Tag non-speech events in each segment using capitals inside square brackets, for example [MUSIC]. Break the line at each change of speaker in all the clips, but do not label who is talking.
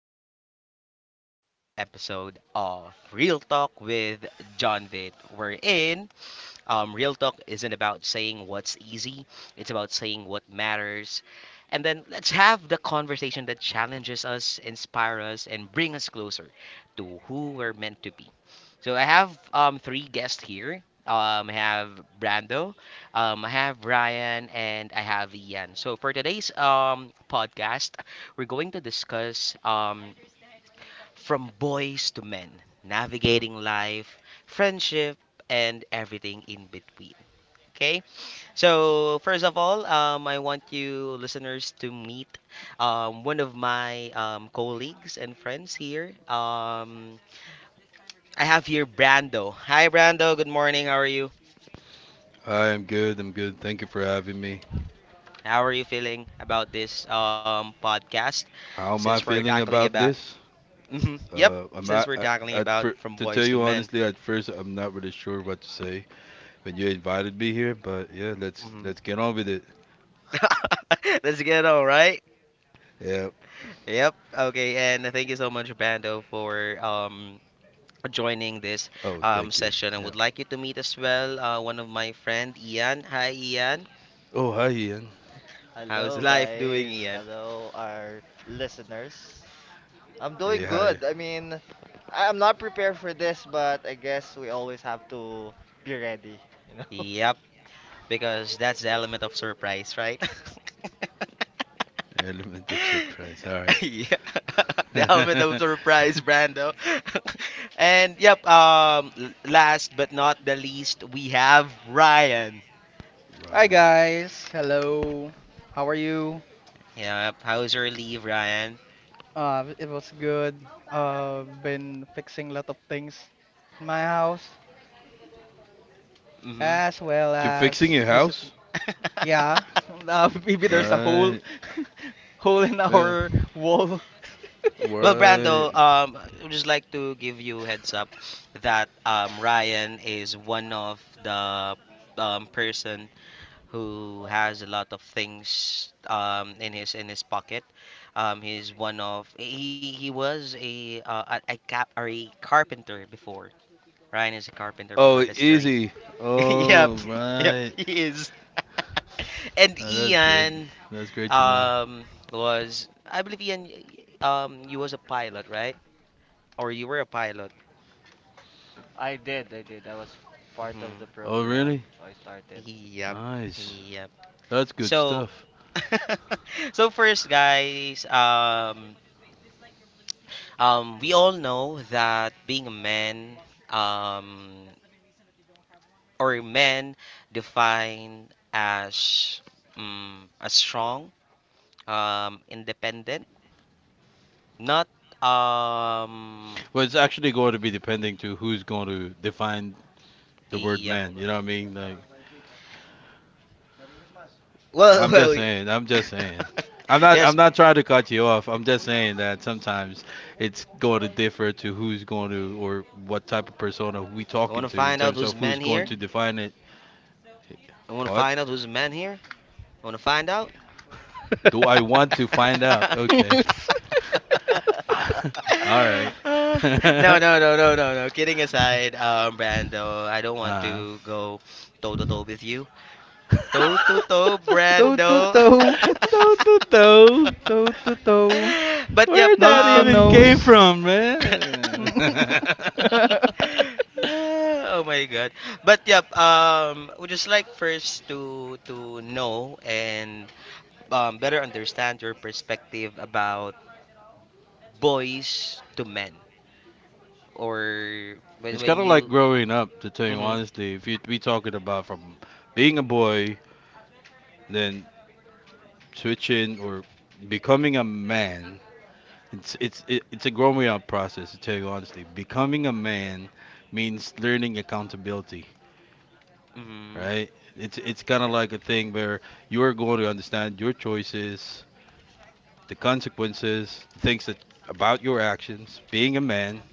everyone? Welcome back to another episode of Real Talk with John Vitt. We're in. Real Talk isn't about saying what's easy, it's about saying what matters. And then let's have the conversation that challenges us, inspire us, and bring us closer to who we're meant to be. So I have three guests here. I have Brando, I have Brian, and I have Ian. So for today's podcast, we're going to discuss from boys to men, navigating life, friendship, and everything in between. Okay, so first of all, I want you listeners to meet one of my colleagues and friends here. I have here Brando. Hi, Brando. Good morning. How are you?
I am good. I'm good. Thank you for having me.
How are you feeling about this podcast?
How am
Since
I
we're
feeling
tackling
about
about,
this?
Mhm. Yep,
I'm
since we're tackling
at
about
fir-
from
To tell
boys to
you
men.
honestly, at first I'm not really sure what to say when you invited me here, but yeah, let's
Hmm.
let's get on with it.
[LAUGHS] Let's get on, right?
Yeah.
Yep. Okay. And thank you so much, Brando, for joining this
Oh, thank you.
session. I
Yeah.
would like you to meet as well, one of my friend, Ian. Hi, Ian.
Oh, hi Ian.
How's
Hello,
life doing,
guys.
Ian?
Hello, our listeners. I'm doing
Hey, hi.
good. I mean, I'm not prepared for this, but I guess we always have to be ready, you know?
Yep.
[LAUGHS]
Because that's the element of surprise, right? [LAUGHS]
Element of
Yeah.
surprise. All right.
[LAUGHS] The element of
[LAUGHS]
surprise, Brando. [LAUGHS] And yep, last but not the least, we have Ryan.
Hi
Right.
guys, hello. How are you?
Yep, how's your leave, Ryan?
It was good. Been fixing a lot of things in my house
Mm-hmm.
as well
You're
as
fixing your
visit.
house?
[LAUGHS]
Yeah, [LAUGHS] maybe there's a hole,
Right.
[LAUGHS] hole in
Yeah.
our wall.
Well, Brando,
Right.
I would just like to give you a heads up that Ryan is one of the person who has a lot of things in his pocket. He's one of he was a a cap or a carpenter before. Ryan is a carpenter
Oh,
before. That's the reason.
easy.
[LAUGHS] Yep,
Oh,
yep,
right.
he is. [LAUGHS] And
That's good.
Ian
That's great to know.
um was I believe Ian you was a pilot, right? Or you were a pilot.
I did, I did. I was part of
Mm-hmm.
the
Oh, really?
program, so I started. Yeah.
Yep.
Nice.
Yep.
That's good
So
stuff.
[LAUGHS] so first guys, we all know that being a man, um, or men defined as a strong, independent, not um,
Well, it's actually going to be depending to who's going to define the word
a
man. You know what I mean?
well, [LAUGHS]
I'm just
well,
saying. I'm just saying.
[LAUGHS] yes.
I'm not trying to cut you off. I'm just saying that sometimes it's going to differ to who's going to or what type of persona we
I want
talking
to
to in
find out
terms
who's
of
man
who's going
here.
to
Mhm.
define it.
I want to
What
find out who's man here. I want to find out.
do I want to find out? Okay.
[LAUGHS] [LAUGHS]
[LAUGHS]
[LAUGHS] All right.
Uh, no,
[LAUGHS]
no, no, no, no, no. Kidding aside, Brando, I don't want
uh,
to go toe to toe with you. Toe to
[LAUGHS]
toe,
Toe to
Brando.
toe,
[LAUGHS]
toe to toe.
[LAUGHS] toe to toe,
But yep,
Where that
nose to
even came
nose.
from, man?
[LAUGHS]
[LAUGHS]
[LAUGHS]
Oh my god. But yep, would just like first to know and better understand your perspective about boys to men or when
It's
when
kind of like
you.
growing up, to tell you
Mhm.
honestly. If you be talking about from being a boy, then switching or becoming a man, it's a growing up process, to tell you honestly. Becoming a man means learning accountability,
Mhm.
right? It's kind of like a thing where you're going to understand your choices, the consequences, things that about your actions. Being a man,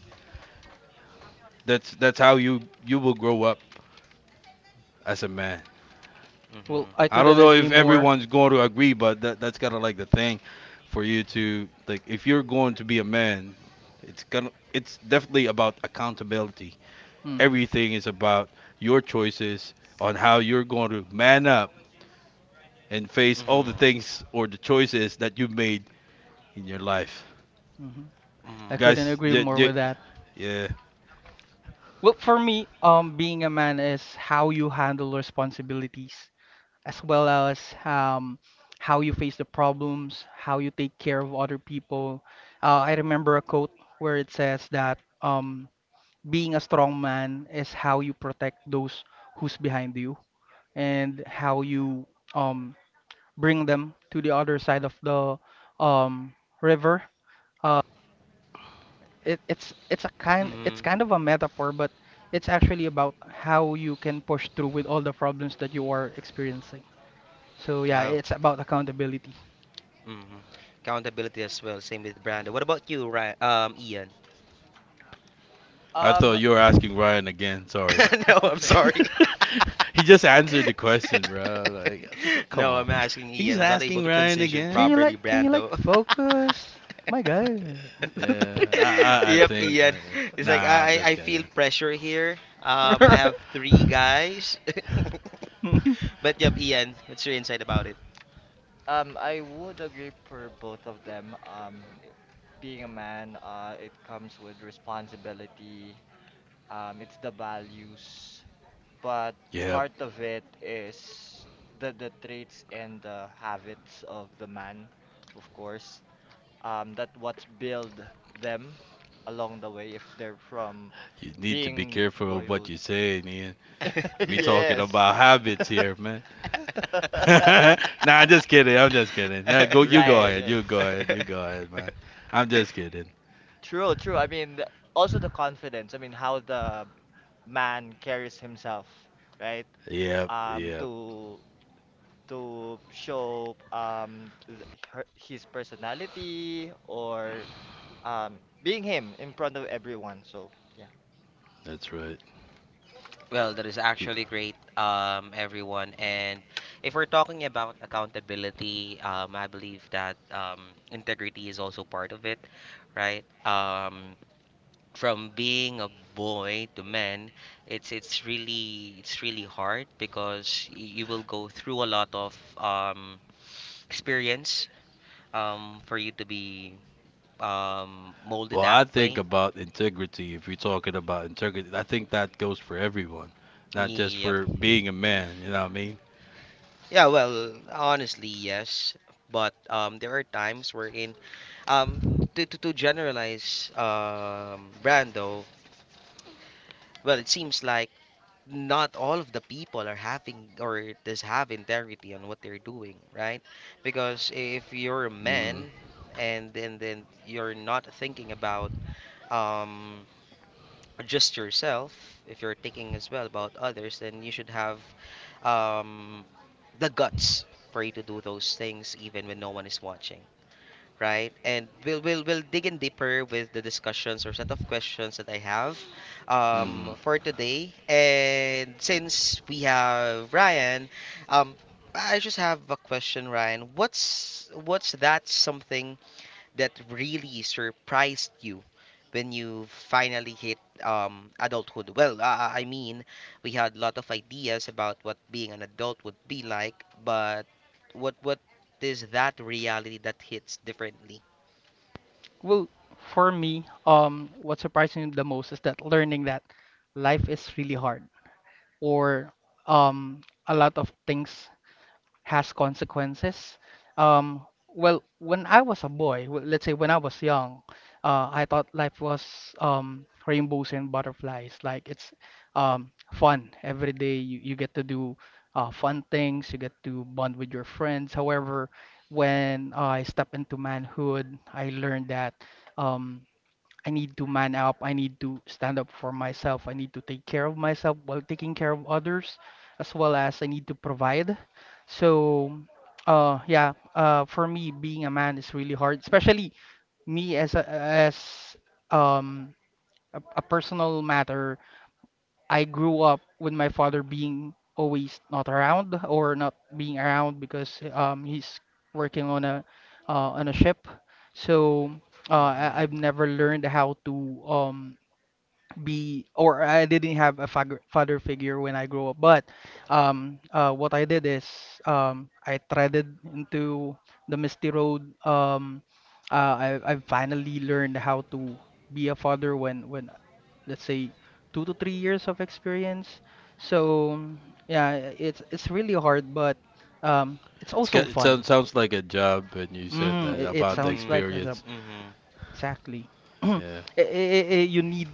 that's how you will grow up as a man.
Well,
Mhm.
I
I don't
couldn't
know
agree
if
more.
everyone's going to agree, but that's kind of like the thing for you to like if you're going to be a man, it's definitely about accountability.
Hmm.
Everything is about your choices on how you're going to man up and face all the
Mhm.
things or the choices that you made in your life,
Hmm. I
Mhm.
couldn't
guys.
agree more with that.
Yeah,
Well, for me, being a man is how you handle responsibilities, as well as um, how you face the problems, how you take care of other people. I remember a quote where it says that being a strong man is how you protect those who's behind you and how you um, bring them to the other side of the um, river. Uh, it, it's a kind it's
Mhm.
kind of a metaphor, but it's actually about how you can push through with all the problems that you are experiencing. So yeah,
Oh.
it's about accountability.
Mhm. Accountability as well. Same with Brando. What about you, Ryan? Ian.
I thought
Um,
you were
[LAUGHS]
asking Ryan again. Sorry.
[LAUGHS] No, I'm sorry.
[LAUGHS] He just answered the question, bro. Like,
[LAUGHS]
come
No,
on.
I'm asking Ian.
He's
I was not able
asking
to
Ryan
transition
Can
again.
you
properly,
like can you like
Brando.
focus? My God. [LAUGHS]
Yeah,
[LAUGHS]
I I, I
Yep,
think.
Ian. It's like
Nah, I'm
I
just kidding.
feel pressure here. I have three
[LAUGHS]
guys. [LAUGHS] But yep, Ian. What's your insight about it?
I would agree for both of them. Being a man, it comes with responsibility, it's the values, but
Yep.
part of it is the traits and the habits of the man, of course. That what's build them along the way if they're from
You need to be
being
careful of what
boyhood.
you say, Nia.
[LAUGHS]
We talking
[LAUGHS]
Yes.
about habits here, man. [LAUGHS]
[LAUGHS]
Nah, I'm just kidding. I'm just kidding. Nah, go. You go
Right,
ahead.
right.
You go ahead. You go ahead, man. I'm just kidding.
True, true. I mean, also the confidence. I mean, how the man carries himself, right?
Yep.
Um,
Yep.
to to show th her, his personality or being him in front of everyone. So yeah.
That's right.
Well, that is
Y-
actually great, everyone. And if we're talking about accountability, I believe that integrity is also part of it, right? From being a boy to man, it's really hard because y you will go through a lot of experience for you to be molded
Well,
that
I think
way.
about integrity. If you're talking about integrity, I think that goes for everyone, not just
Yep.
for being a man. You know what I mean?
Yeah, well, honestly, yes. But there are times wherein, um, to generalize, Brando, well, it seems like not all of the people are having or does have integrity on what they're doing, right? Because if you're a
Hmm.
man and then you're not thinking about um just yourself, if you're thinking as well about others, then you should have um, the guts for you to do those things even when no one is watching, right? And we'll dig in deeper with the discussions or set of questions that I have
Hmm.
for today. And since we have Ryan, um, I just have a question, Ryan. What's that something that really surprised you when you finally hit adulthood? Well, I mean, we had a lot of ideas about what being an adult would be like, but what is that reality that hits differently?
Well, for me, what surprised me the most is that learning that life is really hard, or a lot of things has consequences. Um, well, when I was a boy, let's say when I was young, I thought life was rainbows and butterflies. Like it's fun every day. You get to do fun things. You get to bond with your friends. However, when I step into manhood, I learned that. Um, I need to man up. I need to stand up for myself. I need to take care of myself while taking care of others, as well as I need to provide. So, yeah, for me, being a man is really hard, especially me as a, as um a, a personal matter. I grew up with my father being always not around or not being around because he's working on a ship. So, I,
Mm-hmm.
I've never learned how to um be or I didn't have a father figure when I grew up. But what I did is I threaded into the misty road. I finally learned how to be a father when let's say 2 to 3 years of experience. So yeah, it's really hard, but it's
It's
also
got, it sounds
fun.
like a job, and you said
Mm,
that
it
about the
sounds
Mm-hmm.
like a job
experience.
Mm-hmm.
exactly. [CLEARS THROAT] I-
Yeah.
you need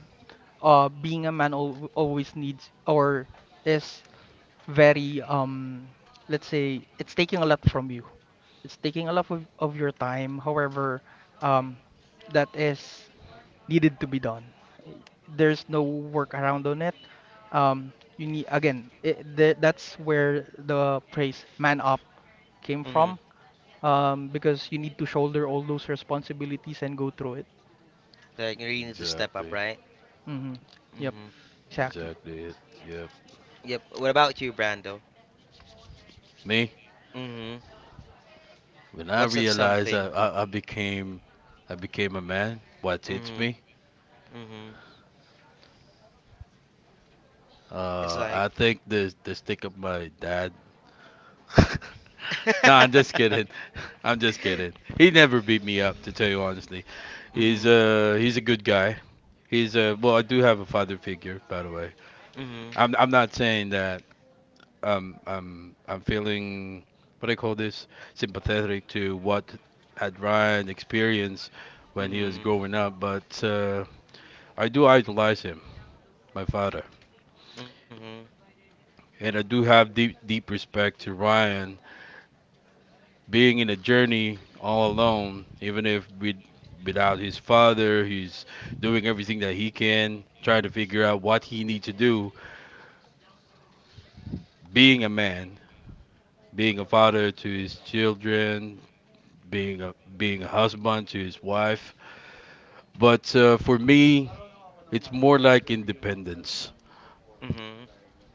being a man al always needs or is very let's say it's taking a lot from you. It's taking a lot of your time. However, um that is needed to be done. Eh, There's no workaround on it. Um you need again that's where the phrase man up came
Mm-hmm.
from because you need to shoulder all those responsibilities and go through it.
Like you really need to step up,
Exactly.
right?
Mm-hmm. Yep,
Mm-hmm.
exactly.
Exactly. It. Yep.
Yep. What about you, Brando?
Me?
Mm-hmm.
When I
What's that
realized
something?
I became a man, what hits
Mm-hmm.
me?
Mm-hmm. It's like.
I think the stick of my dad. [LAUGHS] No, I'm
[LAUGHS]
just kidding. [LAUGHS] I'm just kidding. He never beat me up, to tell you honestly.
Mm-hmm.
He's a good guy. He's Well, I do have a father figure, by the way.
Mm-hmm.
I'm not saying that I'm feeling, what do I call this, sympathetic to what had Ryan experienced when he was
Mhm.
growing up, but I do idolize him, my father.
Mhm.
And I do have deep, deep respect to Ryan being in a journey all alone, even if with, without his father, he's doing everything that he can, trying to figure out what he needs to do, being a man, being a father to his children, being a husband to his wife. But for me, it's more like independence.
Mhm. Mhm.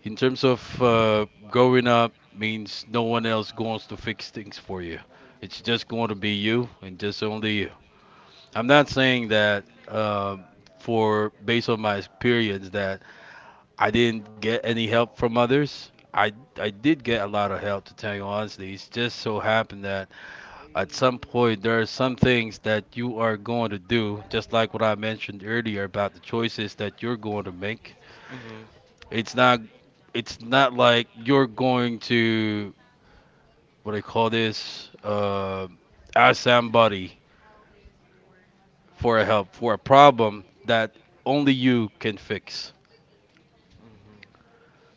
In terms of growing up means no one else goes to fix things for you. It's just going to be you and just only you. I'm not saying that for based on my experience that I didn't get any help from others. I did get a lot of help, to tell you honestly. It's just so happened that at some point there are some things that you are going to do, just like what I mentioned earlier about the choices that you're going to make.
Mhm.
it's not it's not like you're going to, what do I call this, ask somebody for a help for a problem that only you can fix.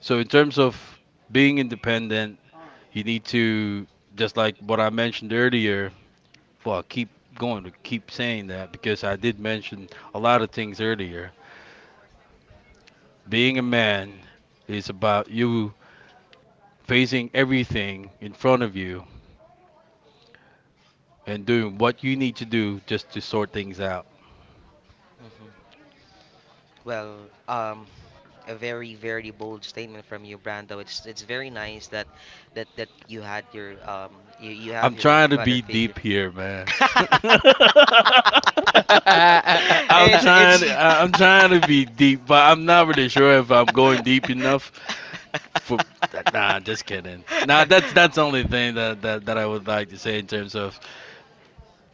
So in terms of being independent, you need to, just like what I mentioned earlier. Well, I keep going to keep saying that because I did mention a lot of things earlier. Being a
Mhm.
man is about you facing everything in front of you and doing what you need to do just to sort things out.
Mhm. Well, a very, very bold statement from you, Brando. It's very nice that that you had your you have
I'm
your
trying to
father
be
figure.
deep here, man. [LAUGHS]
[LAUGHS]
[LAUGHS]
I'm
It's
trying
it's.
[LAUGHS]
to I'm trying to be deep, but I'm not really sure if I'm going deep enough for that. Nah, just kidding. Nah, that's
[LAUGHS]
the only thing that I would like to say in terms of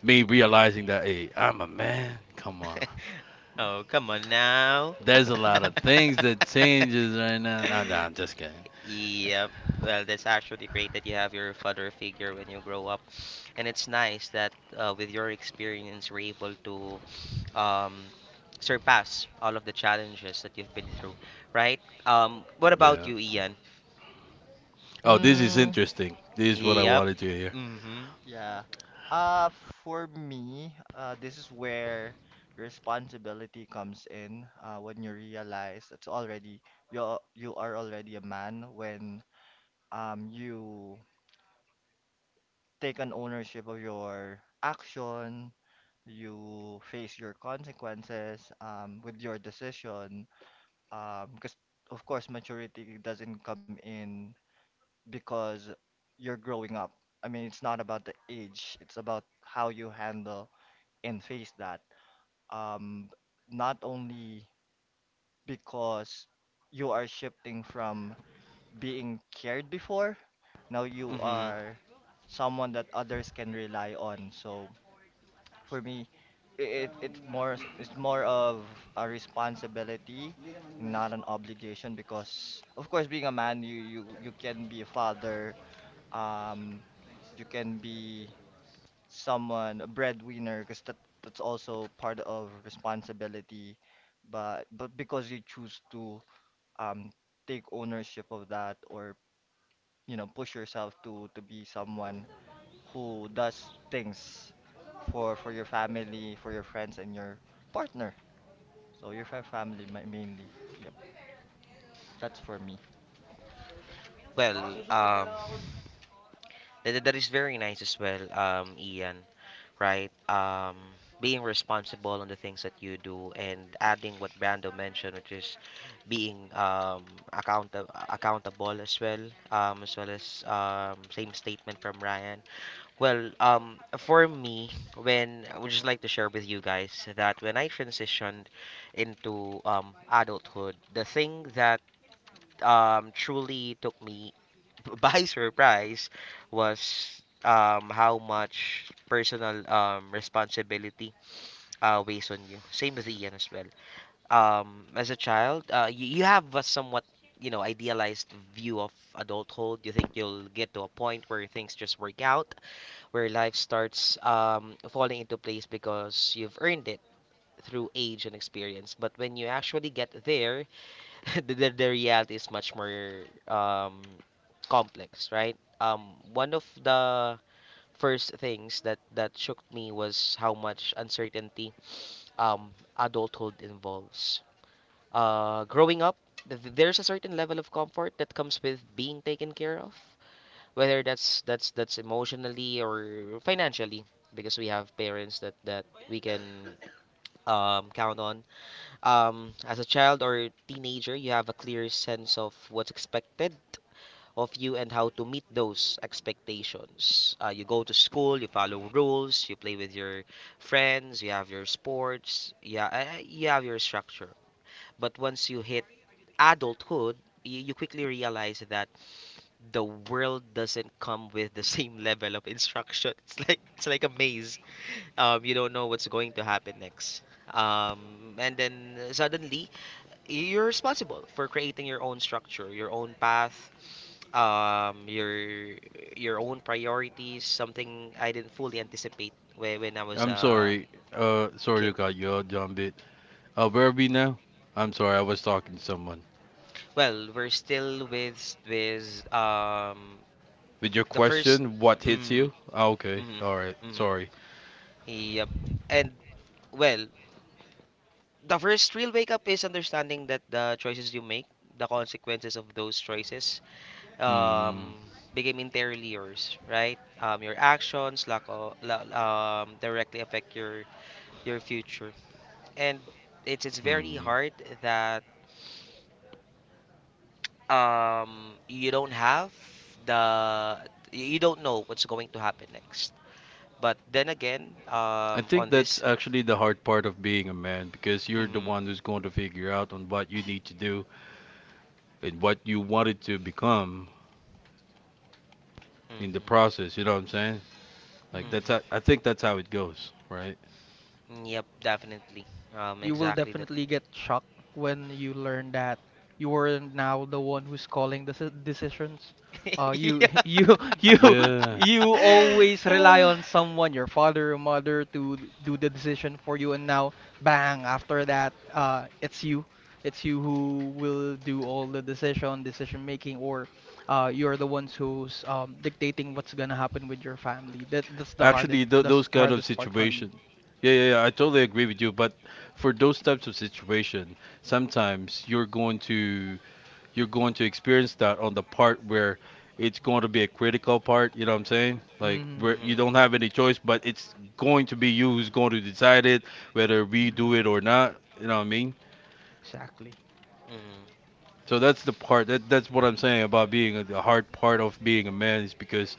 me realizing that, hey, I'm a man. Come on.
Oh, come on now.
There's a lot
Mhm.
of things that changes right now. Nah, nah, just kidding.
[LAUGHS] Yeah. Well, that's actually great that you have your father figure when you grow up. And it's nice that, with your experience, you're able to um, surpass all of the challenges that you've been through, right? What about
Yeah.
you, Ian?
Oh, this is
Mm,
interesting. This is what I
Yep.
wanted to hear.
Mm-hmm.
yeah. Uh, for me, this is where responsibility comes in. When you realize it's already you you are already a man when you take an ownership of your action, you face your consequences with your decision. Because of course maturity doesn't come in because you're growing up. I mean, it's not about the age, it's about how you handle and face that. Um, not only because you are shifting from being cared before, now you
Mm-hmm.
are someone that others can rely on. So for me, it's more it's more of a responsibility, not an obligation. Because of course, being a man, you can be a father. Um, you can be someone a breadwinner because that's also part of responsibility. But because you choose to um take ownership of that or you know push yourself to be someone who does things for your family, for your friends, and your partner. So your family mainly. Yep, that's for me.
Well, um, that is very nice as well, Ian. Right? Being responsible on the things that you do and adding what Brando mentioned, which is being account accountable as well, as well as same statement from Ryan. Well, for me, when I would just like to share with you guys that when I transitioned into adulthood, the thing that truly took me [LAUGHS] by surprise was how much personal responsibility weighs on you. Same with Ian as well. As a child, you have a somewhat idealized view of adulthood. You think you'll get to a point where things just work out, where life starts falling into place because you've earned it through age and experience. But when you actually get there, [LAUGHS] the reality is much more complex, right? One of the first things that shook me was how much uncertainty adulthood involves. Growing up, there's a certain level of comfort that comes with being taken care of, whether that's emotionally or financially, because we have parents that we can count on. As a child or teenager, you have a clear sense of what's expected of you and how to meet those expectations. You go to school, you follow rules, you play with your friends, you have your sports, yeah, you have your structure. But once you hit adulthood, you quickly realize that the world doesn't come with the [LAUGHS] same level of instruction. [LAUGHS] It's like a maze. You don't know what's going to happen next. And then suddenly you're responsible for creating your own structure, your own path, um, your your own priorities. Something I didn't fully anticipate when I was
I'm
a
sorry. Sorry
kid.
to cut you out, John Bit. Where are we now? I'm sorry, I was talking to someone.
Well, we're still with with um
With your
the first.
question, what hits
Mm,
you? Ah, okay.
mm,
All right.
mm,
Sorry.
yep. And well, the first real wake up is understanding that the choices you make, the consequences of those choices,
Hmm.
um, became entirely yours, right? Your actions, lack of, directly affect your future, and it's very
Hmm.
hard that um you don't have the you don't know what's going to happen next. But then again,
I think
on
that's
this,
actually the hard part of being a man because you're the
mm,
one who's going to figure out on what you need to do and what you wanted to become in the
mm-hmm,
process. You know what I'm saying? Like that's how, I
mm-hmm,
think that's how it goes, right?
yep, definitely,
You will
exactly the,
definitely get shocked when you learn that you are now the one who's calling the decisions. Uh,
[LAUGHS]
you
yeah.
[LAUGHS] you
[SIGHS]
Yeah.
you always
[LAUGHS]
rely
mm-hmm,
on someone, your father or mother, to do the decision for you, and now bang, after that, it's you. It's you who will do all the decision, decision making, or you're the ones who's dictating what's gonna happen with your family. That that's the
Actually,
hardest that's
those
the
kind of
hardest part for me.
situation. Yeah, yeah, yeah, I totally agree with you. But for those types of situation, sometimes you're going to experience that on the part where it's going to be a critical part. You know what I'm saying? Like
Hmm.
where you don't have any choice, but it's going to be you who's going to decide it, whether we do it or not. You know what I mean?
Exactly.
mm-hmm.
So that's the part that, that's what I'm saying about being a, the hard part of being a man is because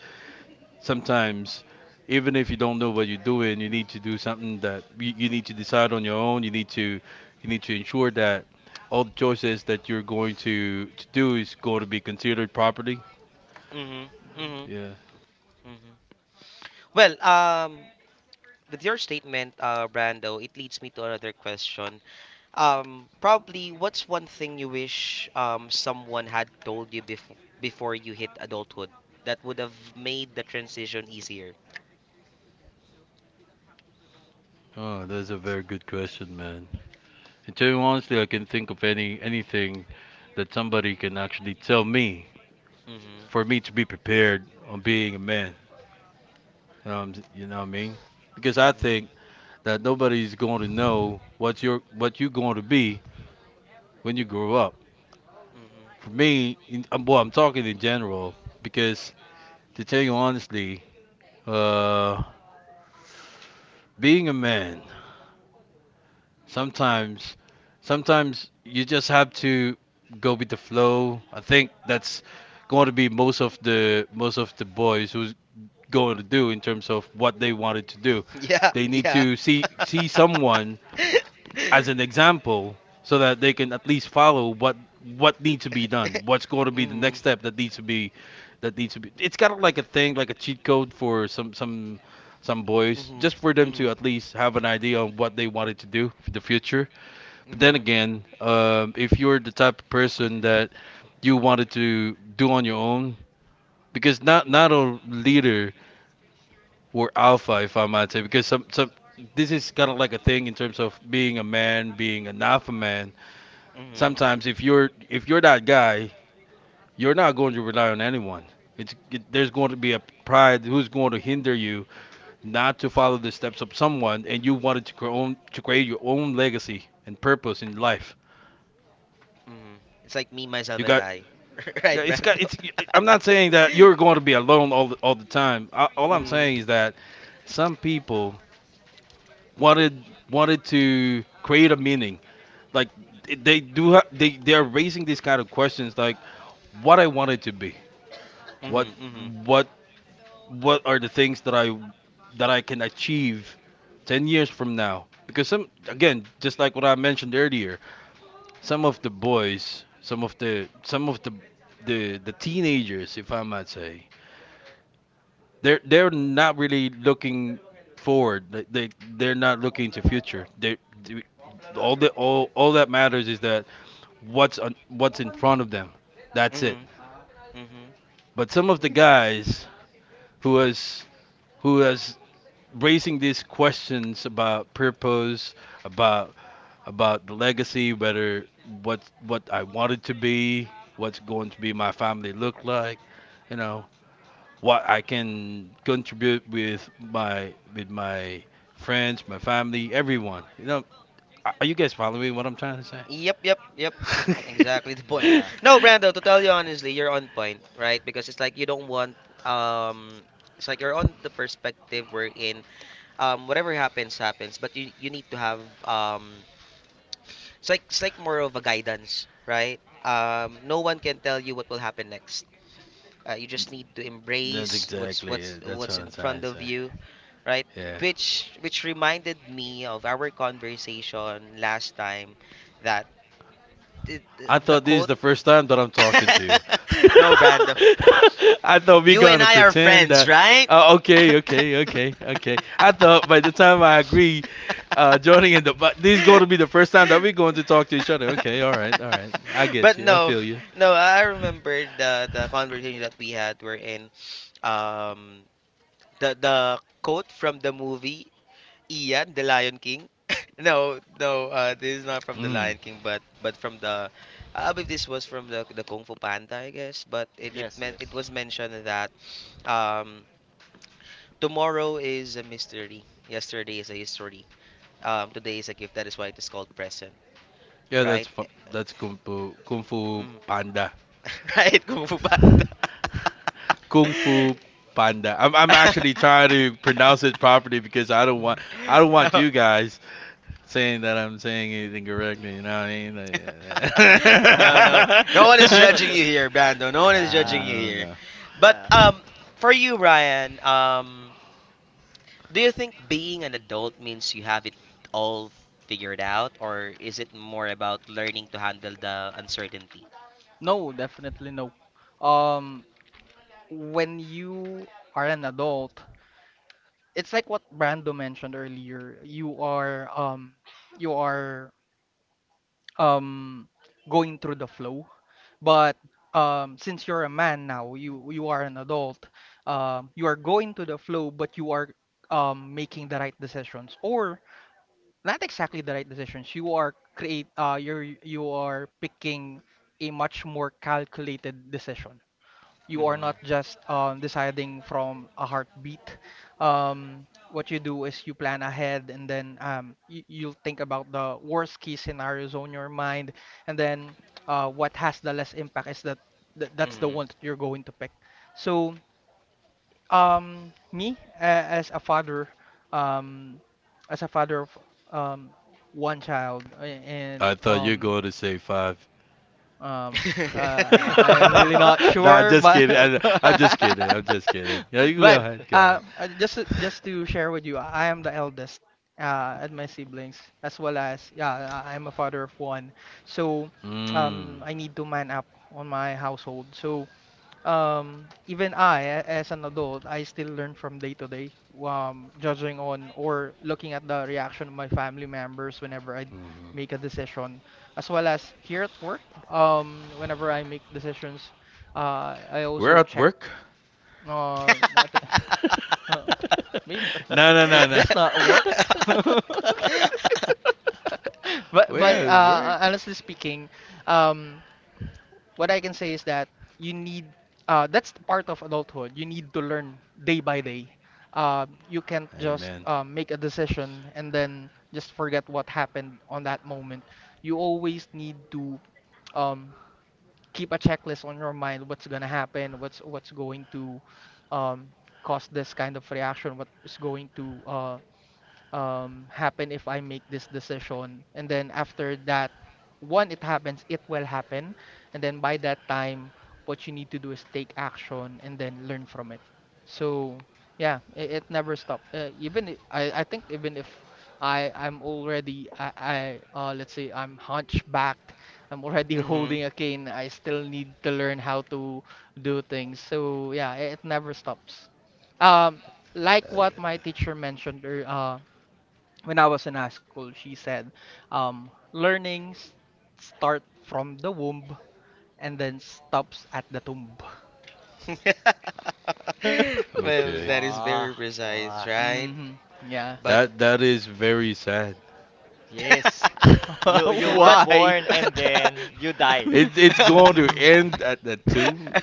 sometimes even if you don't know what you're doing, you need to do something that you need to decide on your own. You need to ensure that all the choices that you're going to do is going to be considered properly.
Mhm.
Mhm.
Mhm.
Yeah.
Mhm. Well, with your statement, Brando, it leads me to another question. Probably what's one thing you wish someone had told you before you hit adulthood that would have made the transition easier?
Oh, that's a very good question, man. And to be honestly, I can think of anything that somebody can actually tell me
Mhm.
for me to be prepared on being a man, you know what I mean, because I
Mhm.
think that nobody's going to know what you're going to be when you grow up.
Mhm. [LAUGHS]
For me, well, I'm talking in general because, to tell you honestly, uh, being a man, sometimes, sometimes you just have to go with the flow. I think that's going to be most of the boys who's going to do in terms of what they wanted to do.
Yeah,
They need
yeah.
to see
[LAUGHS]
someone as an example so that they can at least follow what needs to be done, what's going to be the
Mhm.
next step that needs to be that needs to be. It's kind of like a thing, like a cheat code for some some boys
Mhm.
just for them to
Mhm.
at least have an idea on what they wanted to do for the future. But then
Mhm.
again, if you're the type of person that you wanted to do on your own because not, not a leader or alpha, if I might say, because some, this is kind of like a thing in terms of being a man, being an alpha man.
Mhm.
Sometimes if you're that guy, you're not going to rely on anyone. There's going to be a pride who's going to hinder you not to follow the steps of someone, and you wanted to create your own legacy and purpose in life.
Mhm. It's like me, myself,
You
and
got,
I. [LAUGHS]
yeah,
Right,
it's got
Brando?
it's. I'm not saying that
[LAUGHS]
you're going to be alone all all the time. All I'm saying is that some people wanted wanted to create a meaning. Like they do. They are raising these kind of questions, like what I wanted to be,
Mhm.
what
Mhm. Mhm.
what what are the things that I can achieve 10 years from now? Because some, again, just like what I mentioned earlier, some of the boys, some of the teenagers, if I might say, they're not really looking forward. They're not looking to future. They, all the, all that matters is that what's on, what's in front of them. That's it.
Mhm. Mhm.
But some of the guys who has who has raising these questions about purpose, about about the legacy, whether what I wanted to be, what's going to be my family look like, you know, what I can contribute with my friends, my family, everyone. Are you guys following what I'm trying to say?
Yep, yep, yep. Exactly [LAUGHS] the of point.
Yeah.
No,
[LAUGHS]
Brando, to tell you honestly, you're on point, right? Because it's like you don't want um it's like you're on the perspective we're in. Whatever happens happens, but you need to have um it's like more of a guidance, right? No one can tell you what will happen next. You just need to
That's
embrace what's
exactly
what's
it. That's what
what's in
I'm trying
front
to
of
say.
you, right?
Yeah.
Which reminded me of our conversation last time that the
I
the
thought this is
quote
the first time that I'm talking to you.
[LAUGHS]
[LAUGHS]
No, Brando.
I thought we
You and
gonna
I are
pretend
friends,
that.
right?
Uh,
[LAUGHS]
okay, okay, okay, okay. I thought by the time I agree, joining in the but this is gonna be the first time that we're going to talk to each other. Okay, all right, all right. I
But
get you. I
no,
feel you.
no. I remember the conversation that we had. We in um the quote from the movie, Ian, the Lion King. [LAUGHS] No, no, this is not from the
Mm.
Lion King, but I believe this was from the Kung Fu Panda, I guess. But
Yes.
it
Yes.
was mentioned that um tomorrow is a mystery, yesterday is a history, today is a gift. That is why it is called present,
Yeah,
right?
that's Kung Fu
Mm.
Panda.
[LAUGHS] Right, Kung Fu Panda.
Kung Fu Panda. I'm actually trying
[LAUGHS]
to pronounce it
[LAUGHS]
properly because I don't want
Mhm.
I don't want you guys saying that I'm saying anything correctly. You know what I mean?
No, no, no one is
Like,
judging
[LAUGHS]
you here, Bando. No one
[LAUGHS]
is judging
Yeah.
you here.
no.
But
Yeah.
for you, Ryan, do you think being an adult means you have it all figured out, or is it more about learning to handle the uncertainty?
No, definitely no. Um, when you are an adult, it's like what Brando mentioned earlier. You are you are um, going through the flow. But since you're a man now, you are an adult. You are going to the flow, but you are making the right decisions, or not exactly the right decisions. You are picking a much more calculated decision. You are
Mhm.
not just deciding from a heartbeat. What you do is you plan ahead and then you'll think about the worst case scenarios on your mind and then what has the less impact is that that's the
Mhm.
one that you're going to pick. So me a- um as a father of um one child a-
I
and
thought you were
um
going to say five.
um uh,
[LAUGHS]
I'm really
[LAUGHS]
not
Nah, I'm
sure
just
but
kidding.
The
I'm just kidding. I'm just kidding. Yeah,
[LAUGHS]
you go
but
ahead, go ahead.
just to share with you I am the eldest at my siblings as well as yeah I'm a father of one so
Mm.
I need to man up on my household so even as an adult, I still learn from day to day, judging on or looking at the reaction of my family members whenever I
Mhm.
make a decision, as well as here at work. Whenever I make decisions, I
We're
also
at
check.
work.
Uh, nat-
[LAUGHS]
[LAUGHS] uh, Maybe
No, no,
is
no, no.
this not work? [LAUGHS]
[LAUGHS]
But
We're at work.
honestly speaking, um what I can say is that you need that's the part of adulthood. You need to learn day by day. You can't just
Amen.
make a decision and then just forget what happened on that moment. You always need to um, keep a checklist on your mind. What's gonna happen? What's going to um, cause this kind of reaction? What is going to happen if I make this decision. And then after that, one, it happens, it will happen. And then by that time, what you need to do is take action and then learn from it. So yeah, it never stopped. Even I think even if I'm already I let's say I'm hunchbacked, I'm already [LAUGHS]
Mhm.
holding
[LAUGHS]
a
[LAUGHS]
cane. I still need to learn how to do things. So yeah, it never stops. Um, like what
That-
my teacher mentioned, or when I was in high school, she said, learning start from the womb and then stops at the tomb.
[LAUGHS]
[LAUGHS]
Well,
okay.
that is
wow.
very precise,
Wow.
right?
Hmm. Yeah.
But
That is very sad.
Yes.
[LAUGHS]
You
[LAUGHS]
you
[LAUGHS]
were
but
Why?
born
[LAUGHS]
and
[LAUGHS]
then you died.
It's going to
Mm.
end
[LAUGHS]
at the two.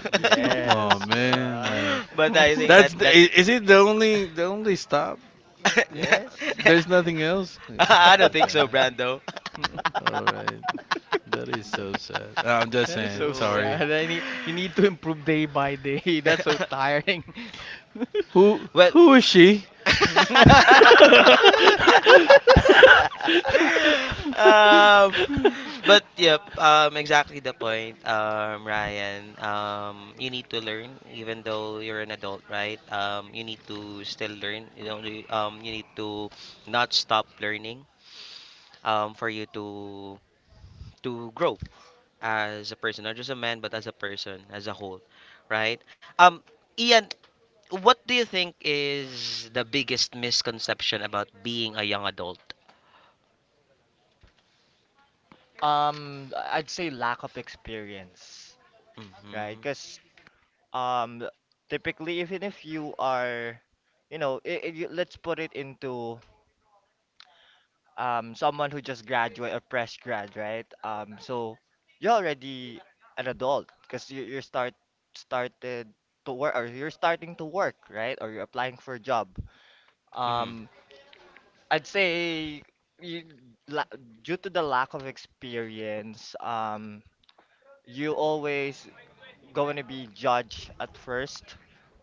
Come
[LAUGHS]
on,
Yes. All
man.
right.
Like,
but
You
I
say
think that that
is it the only stop?
yes.
[LAUGHS]
There's nothing else. Yeah.
I don't think
[LAUGHS]
so,
Okay.
Brando.
All right. That is so sad. I'm just
That is
saying.
so
True.
Sorry.
sad. You need to improve day by day. [LAUGHS] That's so
[LAUGHS]
tiring. [LAUGHS]
Who
Well, [LAUGHS]
who is she? [LAUGHS]
[LAUGHS]
um, but yep, exactly the point, Ryan. You need to learn, even though you're an adult, right? You need to still learn. You don't. You need to not stop learning. For you to grow as a person, not just a man, but as a person as a whole, right? Um, Ian, what do you think is the biggest misconception about being a young adult?
I'd say lack of experience, right?
Mm-hmm.
Because um, typically, even if you are, you know, let's put it into someone who just graduate or fresh grad, right? So you're already an adult because you you're start started to work or you're starting to work, right? Or you're applying for a job.
Mm-hmm.
Um, I'd say you, la due to the lack of experience, you always going to be judged at first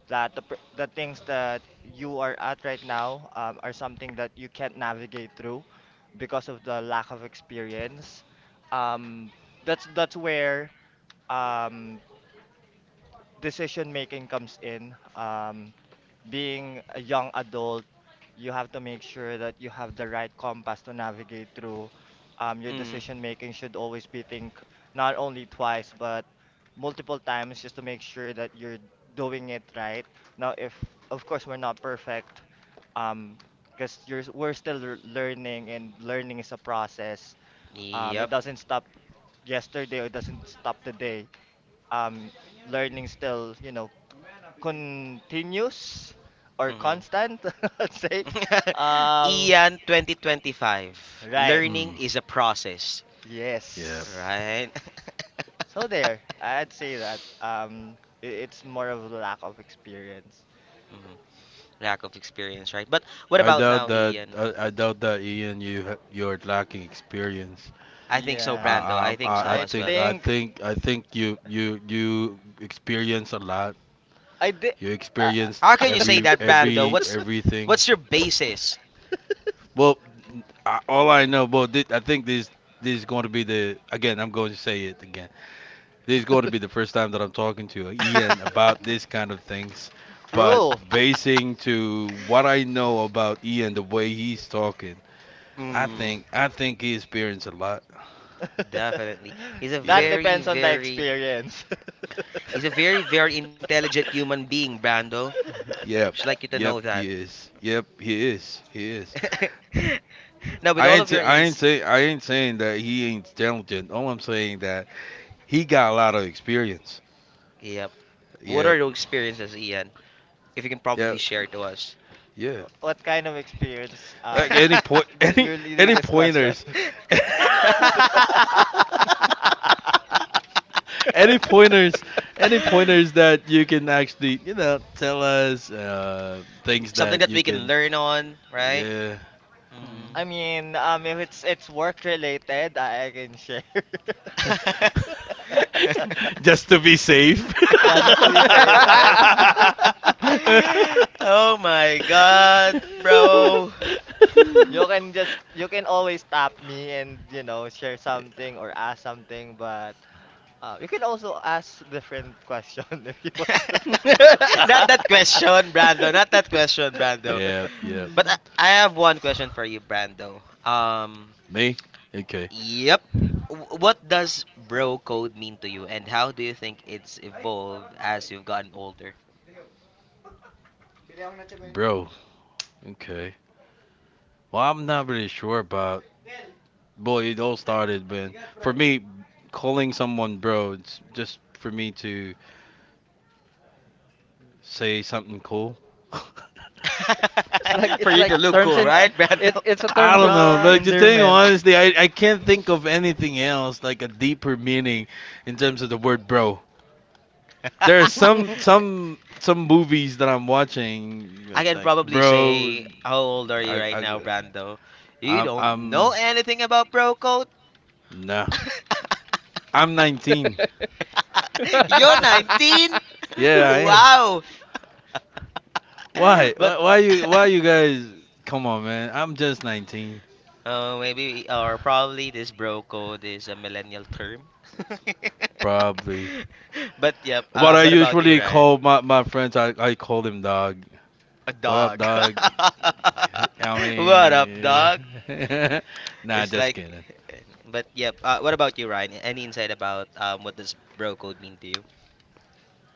that the things that you are at right now are something that you can't navigate through because of the lack of experience. Um, that's where um, decision making comes in. Being a young adult, you have to make sure that you have the right compass to navigate through. Your
Mm-hmm.
decision making should always be think not only twice but multiple times just to make sure that you're doing it right. Now, if of course we're not perfect, um, because you're we're still learning, and learning is a process. It
Yep.
doesn't stop yesterday or it doesn't stop today um learning still you know continuous or
Mm-hmm.
constant, [LAUGHS] let's say.
[LAUGHS]
Um,
Ian 2025.
right.
Learning
Hmm.
is a process,
Yeah.
Yes.
right? [LAUGHS]
So there, I'd say that it's more of a lack of experience.
Mhm. Lack of experience, right? But what
I
about
doubt
now,
that.
Ian?
I doubt that, Ian. You're lacking experience.
I think so,
Yeah,
Brando.
I,
I think
I I
so
I
as well.
think I
think
think I think you experience a lot.
I did.
You
Uh,
experienced
How can you
uh,
say that, Brando? What's
everything.
what's your basis?
Well, all I know, I think this is going to be the again. I'm going to say it again. This is going to be
[LAUGHS]
the first time that I'm talking to Ian
[LAUGHS]
about this kind of things. But
true.
basing to what I know about Ian, the way he's talking, I
mm,
think I think he experienced a lot.
definitely.
[LAUGHS]
He's a
That
Yeah.
very,
depends on the
very
experience. [LAUGHS]
he's a very, very intelligent human being, Brando.
Yep.
Just like you to know
Yep.
that.
He is. Yep. He is. He is.
[LAUGHS] Now, with all of your
I ain't saying that he ain't talented. All I'm saying that he got a lot of experience.
Yep. But what are
Yeah,
your experiences, Ian? If you can
yeah,
probably share to us.
yeah.
What kind of experience
Like any point, [LAUGHS]
you,
[LAUGHS]
any
you're leading
any
this question?
pointers,
[LAUGHS]
[LAUGHS] any pointers, any pointers that you can actually tell us things
Something
that
that
you
we can
can.
learn on, right?
Yeah,
Hmm.
Hmm.
I
[LAUGHS]
mean, if it's it's work related, I can share.
[LAUGHS]
[LAUGHS]
just to be safe.
Just to
[LAUGHS]
be safe, right? [LAUGHS]
[LAUGHS] Oh my god, bro.
You can always stop me and you know share something or ask something, but you can also ask different question [LAUGHS] if you want
[LAUGHS] Not that question, Brando. Not that question, Brando.
Yep, yep.
But I have one question for you, Brando.
Me? Okay.
Yep. What does bro code mean to you, and how do you think it's evolved as you've gotten older?
Bro, okay. Well, I'm not really sure about. Boy, it all started when, for me, calling someone bro, it's just for me to say something cool. [LAUGHS]
It's like
[LAUGHS] For
it's
you
like
to look
terms
cool,
and
right,
it
Brando?
it's a
to. [LAUGHS]
I
terms
don't
and
know.
Bruh.
Like, to tell you
endearment.
honestly, I can't think of anything else like a deeper meaning in terms of the word bro. There are
[LAUGHS]
some
[LAUGHS]
some some movies that I'm watching
I can
like
probably
bro.
say, how old are you right
I
now, Brando? You don't know
I'm
anything about bro code.
Nah. I'm 19.
[LAUGHS] You're 19?
Yeah, I am.
Wow.
Why?
[LAUGHS] [LAUGHS]
Why
But
why you
[LAUGHS]
why you guys? Come on, man. I'm just 19.
maybe or probably this bro code is a millennial term. [LAUGHS]
Probably.
But yep.
What I
What about you,
usually
Ryan?
call my, friends, I call them dog.
A
What up,
dog.
dog?
[LAUGHS]
I
What up, dog?
mean, [LAUGHS] nah,
It's
just
like,
kidding.
[LAUGHS] but yep. What about you, Ryan? Any insight about what does bro code mean to you?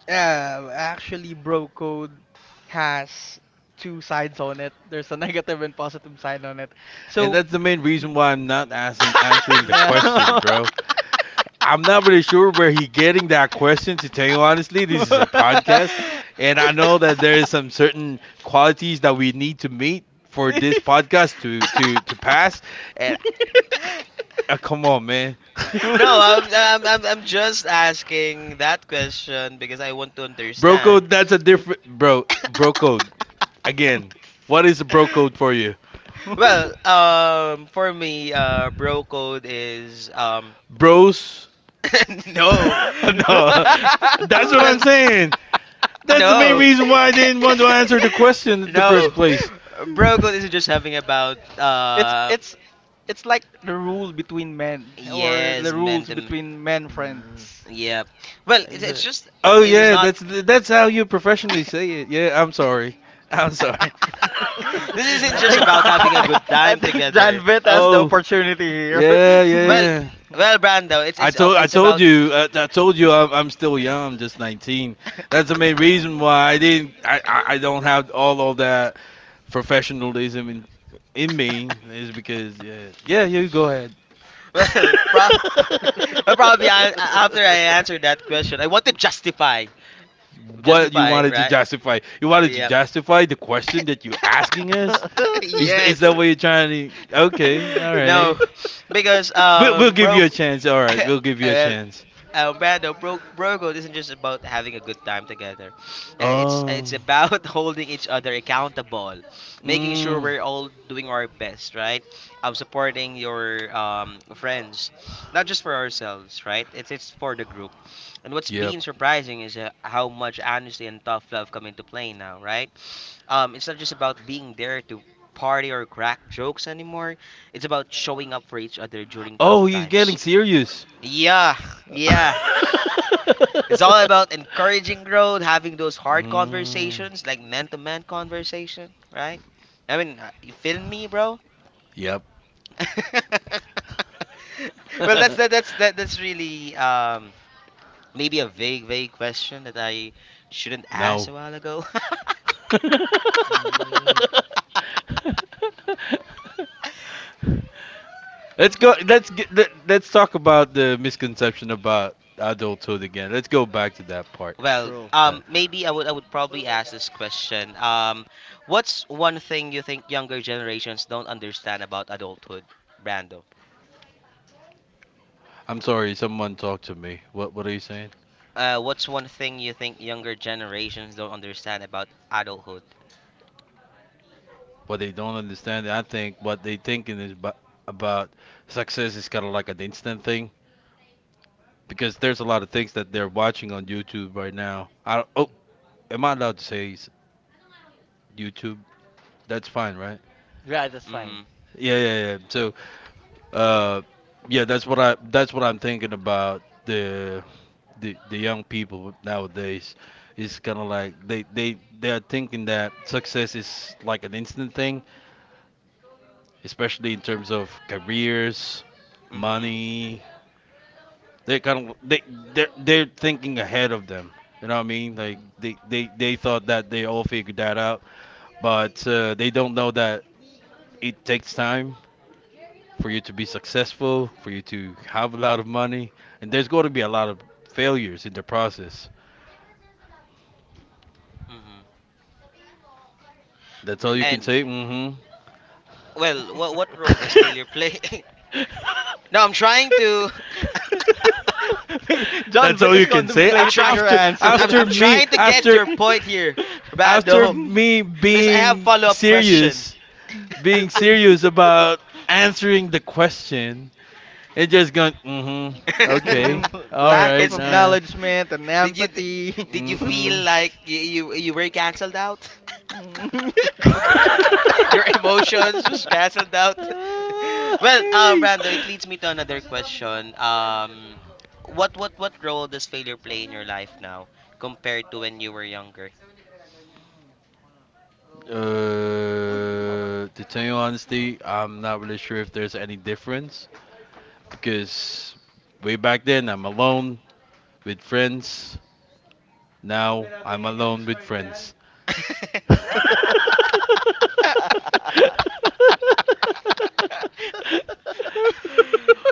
Yeah, actually, bro code has two sides on it. There's a negative and positive side on it.
And
So,
that's the main reason why I'm not answering the
no.
question, bro. I'm not really sure where he getting that question. To tell you honestly, this is a podcast, and I know that there is some certain qualities that we need to meet for this podcast to pass. And
[LAUGHS] [LAUGHS]
[LAUGHS]
come on, man. [LAUGHS]
No, I'm,
[LAUGHS]
I'm I'm I'm just asking that question because I want to
Bro
understand.
code, that's a different bro. Bro code.
[LAUGHS]
Again, what is the bro code for you?
Well, for me, bro code is
Bros?
[LAUGHS]
[LAUGHS]
no.
No, that's what I'm
Well,
saying.
[LAUGHS]
That's the main
no.
Right?
reason why I didn't want to answer the question
[LAUGHS]
in the
No.
first place.
Bro code isn't just having about
it's it's it's like the rule between men or
yes,
the rules between men
Mm.
friends.
yeah. Well, it's
Exa-
just
Oh
it is
yeah,
not
that's how you professionally say it. Yeah, I'm sorry. I'm sorry.
[LAUGHS] this isn't just
I
about
think
having
[LAUGHS]
a good
[LAUGHS]
time
I think
together.
[LAUGHS]
Janvet has the
Oh
opportunity here.
yeah,
Well,
yeah.
well, Brando, it's all it's about.
I told you I'm still young. I'm just 19. That's
[LAUGHS]
the main
Yeah.
reason why I didn't I don't have all of that professionalism in me is because yeah, yeah, you go ahead.
Well, [LAUGHS] well,
[LAUGHS]
probably I, after I answer that question, I want to justify,
What you wanted to
right?
justify? You wanted to
Yep.
justify the question
[LAUGHS]
that you're asking us? Is th-
[LAUGHS]
is
Yes.
that what you're trying to? Okay, all
[LAUGHS] No,
right.
because
[LAUGHS]
We'll give you
broke.
a chance. All
[LAUGHS]
right, we'll give you a
Well,
chance.
Brando, Brogo isn't just about having a good time together. [SNIFFS] It's
Oh,
about [LAUGHS] holding each other accountable, making sure
mm,
we're all doing our best, right? Supporting your friends, not just for ourselves, right? It's for the group. And what's
yep.
been surprising is how much honesty and tough love come into play now, right? It's not just about being there to party or crack jokes anymore. It's about showing up for each other during
Oh,
tough
he's getting
times.
serious.
Yeah, yeah.
[LAUGHS]
It's all about encouraging growth, having those hard
Mm,
conversations, like man to man conversation, right? I mean, you feel me, bro?
yep.
[LAUGHS] Well,
[LAUGHS]
that's really maybe a vague question that I shouldn't ask
No.
a while ago. [LAUGHS]
Mm,
Let's go. Let's get. Let's talk about the misconception about adulthood again. Let's go back to that part.
Well,
true.
Uh,
maybe I would probably ask this question. What's one thing you think younger generations don't understand about adulthood, Brando?
I'm sorry. Someone talked to me. What are you saying?
What's one thing you think younger generations don't understand about adulthood?
What they don't understand. I think what they thinking is about success is kind of like an instant thing because there's a lot of things that they're watching on YouTube right now. I don't-
Mm.
oh, am I allowed to say YouTube? That's fine, right?
Yeah, that's fine.
Mm-hmm.
Yeah, yeah, yeah. So Uh, yeah, that's what I that's what I'm thinking about the young people nowadays. It's kind of like they are thinking that success is like an instant thing, especially in terms of careers,
Mm-hmm.
money. They're kind of they they're thinking ahead of them. You know what I mean? Like
Mm-mm.
they thought that they all figured that out, but they don't know that it takes time for you to be successful, for you to have a lot of money, and there's going to be a lot of failures in the process.
Mm-hmm.
That's all
Agree,
you can
And
agree.
say. Mm-hmm.
well, what role
[LAUGHS]
does failure play? [LAUGHS] No, I'm
[LAUGHS]
trying to.
[LAUGHS] John
That's
Bit
all
is
you can say.
[LAUGHS] I'm
A-
contemplating
trying.
your
After
answer.
after
I'm
me
trying to get
after
your point
[LAUGHS]
here,
after
Bando,
me
because I have follow up question.
being serious about answering the question, and just going, mm-hmm,
[LAUGHS]
No.
okay,
Mm.
[LAUGHS]
Lack of
it's
all right,
acknowledgement and
Did you
empathy.
feel
mm-mm.
like you were cancelled out?
[LAUGHS]
[LAUGHS]
Mm. [LAUGHS]
[LAUGHS] Your
[LAUGHS]
emotions was cancelled out. [LAUGHS]
Uh,
Well,
Hey.
Rando, it leads me to another question. What role does failure play in your life now compared to when you were younger?
to tell you honestly, I'm not really sure if there's any difference because way back then I'm alone with friends. Now I'm alone with friends. [LAUGHS]
[LAUGHS]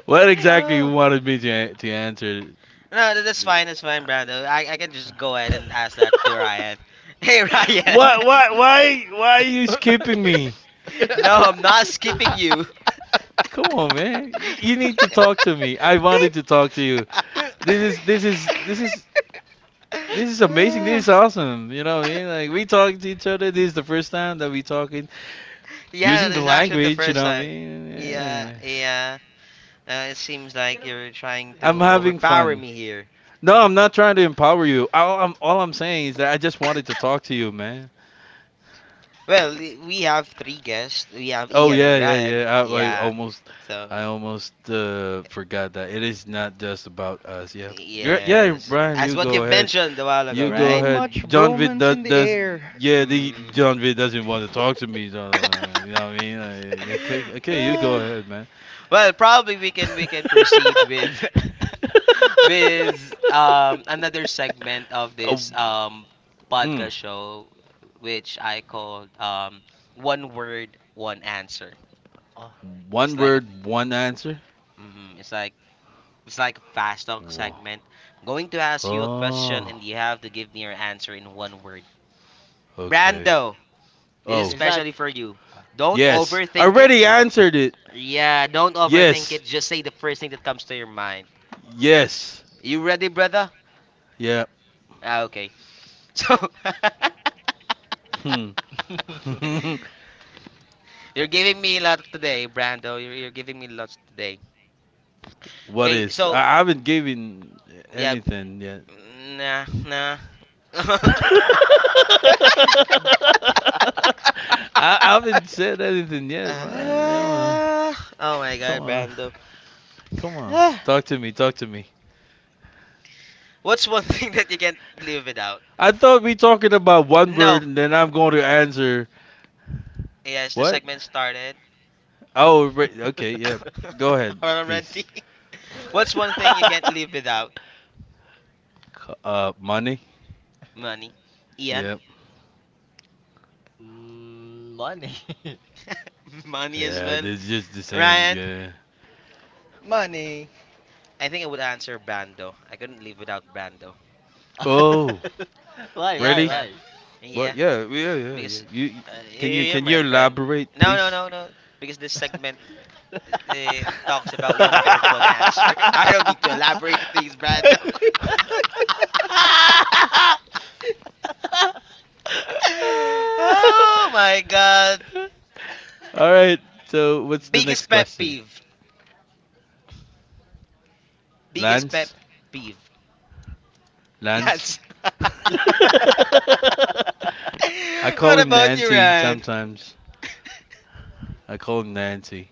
What exactly you
Oh,
wanted me to answer?
no, that's fine. That's fine, Brando. I can just go ahead and ask that
[LAUGHS]
to Ryan. [LAUGHS] Hey, Ryan.
why
[LAUGHS]
why why why are you skipping me?
[LAUGHS] No, I'm not skipping you.
Come on, man. You need to talk to me. I wanted to talk to you. This is this is this is this is amazing. This is awesome. You know what I mean?
[SIGHS] [LAUGHS] [LAUGHS]
Like we talk to each other. This is the first time that we talking
Yeah,
using
this
the
is actually the
language. You
first
know what I
time.
mean?
Yeah,
Yeah.
yeah. It seems like you're trying to
I'm having
overpower
fun.
me here.
No, I'm not trying to empower you. All I'm saying is that I just wanted to talk
[LAUGHS]
to you, man.
Well, we have three guests. We have
Oh
Ian and
yeah, yeah,
Ryan.
yeah. I
Yeah.
almost
So,
I almost forgot that it is not just about us. Yeah. Yeah,
yes.
Brian,
As
you
what
go
you've
ahead.
mentioned a while ago,
You go
Too
right?
ahead.
much
John Vitt
bromance in the
does
air.
yeah, the
Mm.
John Vitt doesn't want to talk to me. So,
[SIGHS]
you know what I mean? Okay,
[LAUGHS]
okay, you go ahead,
Well,
man.
probably
[LAUGHS]
we can proceed with [LAUGHS] with another segment of
Oh,
this
mm,
podcast show which I called one word one answer.
Oh,
It's
one
like a
word, one answer.
mm, it's like it's like a fast talk
Whoa.
segment. I'm going to ask you a question
Oh,
and you have to give me your answer in one word.
okay.
Brando, this is
Oh,
is that?
especially
[LAUGHS]
for you. Don't
yes. I
overthink it.
already answered it.
Yeah, don't overthink
Yes.
it. Just say the first thing that comes to your mind.
Yes.
You ready, brother?
Yeah.
Ah, okay. So
Hmm. [LAUGHS]
[LAUGHS] you're giving me a lot today, Brando. You're giving me lots today.
What
Okay,
is? I
so
I haven't given
yeah,
anything yet.
nah, nah.
[LAUGHS]
[LAUGHS]
I, I haven't said anything yet, man. Come on,
Ah, oh my
come
God,
on,
Brando.
come on.
Ah,
Talk to me, talk to me.
what's one [LAUGHS] thing that you can't live without?
I thought we talking about one word,
No.
and then I'm going to answer
Yes, the
what?
segment started
Oh, right, okay, yeah. Go ahead,
[LAUGHS]
please.
already. What's one thing you can't live without?
[LAUGHS] Money.
Money. Ian.
Yep.
Mm, money. [LAUGHS]
[LAUGHS] Money as
Yeah,
well.
it's just the same.
Ryan.
Yeah.
Money.
I think I would answer Brando. I couldn't live without Brando.
Oh,
Yes,
Why,
really?
Brando.
why?
What?
Yeah,
Yeah, yeah, yeah, yeah.
because
You- can you
you're
can you
my friend.
elaborate,
No, no,
please?
no, no. Because this segment talks about
[LAUGHS]
one word, one answer. [LAUGHS] I don't need to elaborate the things, Brando.
[LAUGHS]
[LAUGHS]
[LAUGHS]
Oh my God.
All right. So, what's the next
Biggest pet
question?
peeve. Biggest pet
Lance?
peeve.
Lance?
That's.
[LAUGHS]
[LAUGHS]
I
What
call him
about you,
Nancy
[LAUGHS]
Ryan?
sometimes. I call him Nancy.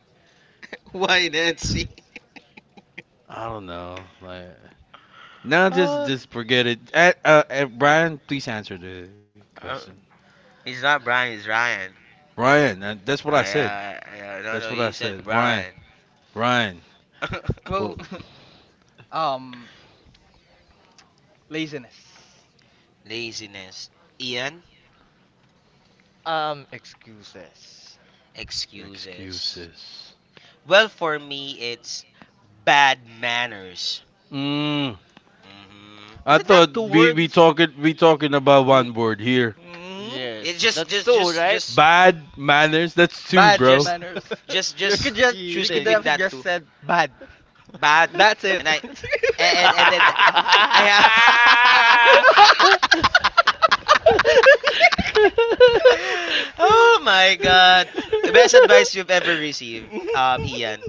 [LAUGHS] Why Nancy?
I don't know. Like, now just
Oh.
just forget it. Brian, please answer the
Uh,
question.
it's not Brian, it's Ryan.
Brian, that's what I said.
Yeah, yeah, no,
That's
no,
what
you
I
said
said. Brian,
Brian.
Brian.
Well,
Well,
[LAUGHS]
[LAUGHS] um, laziness.
Laziness. Ian,
excuses.
excuses.
excuses.
Well, for me, it's bad manners.
Mm,
Mm-hmm.
I
Isn't
thought
that two words?
we talking about one word here.
Mm?
It
Yes, that's two, right?
Bad manners. That's two,
Bad
bro.
just,
manners.
just,
[LAUGHS] You're
You could
just
just you
choose
could
cheating.
between
have
that
just
two.
said bad.
Bad,
[LAUGHS] That's it.
and
[LAUGHS]
and then
[LAUGHS]
I have. [LAUGHS] [LAUGHS] Oh my god. Best advice you've ever received, Ian.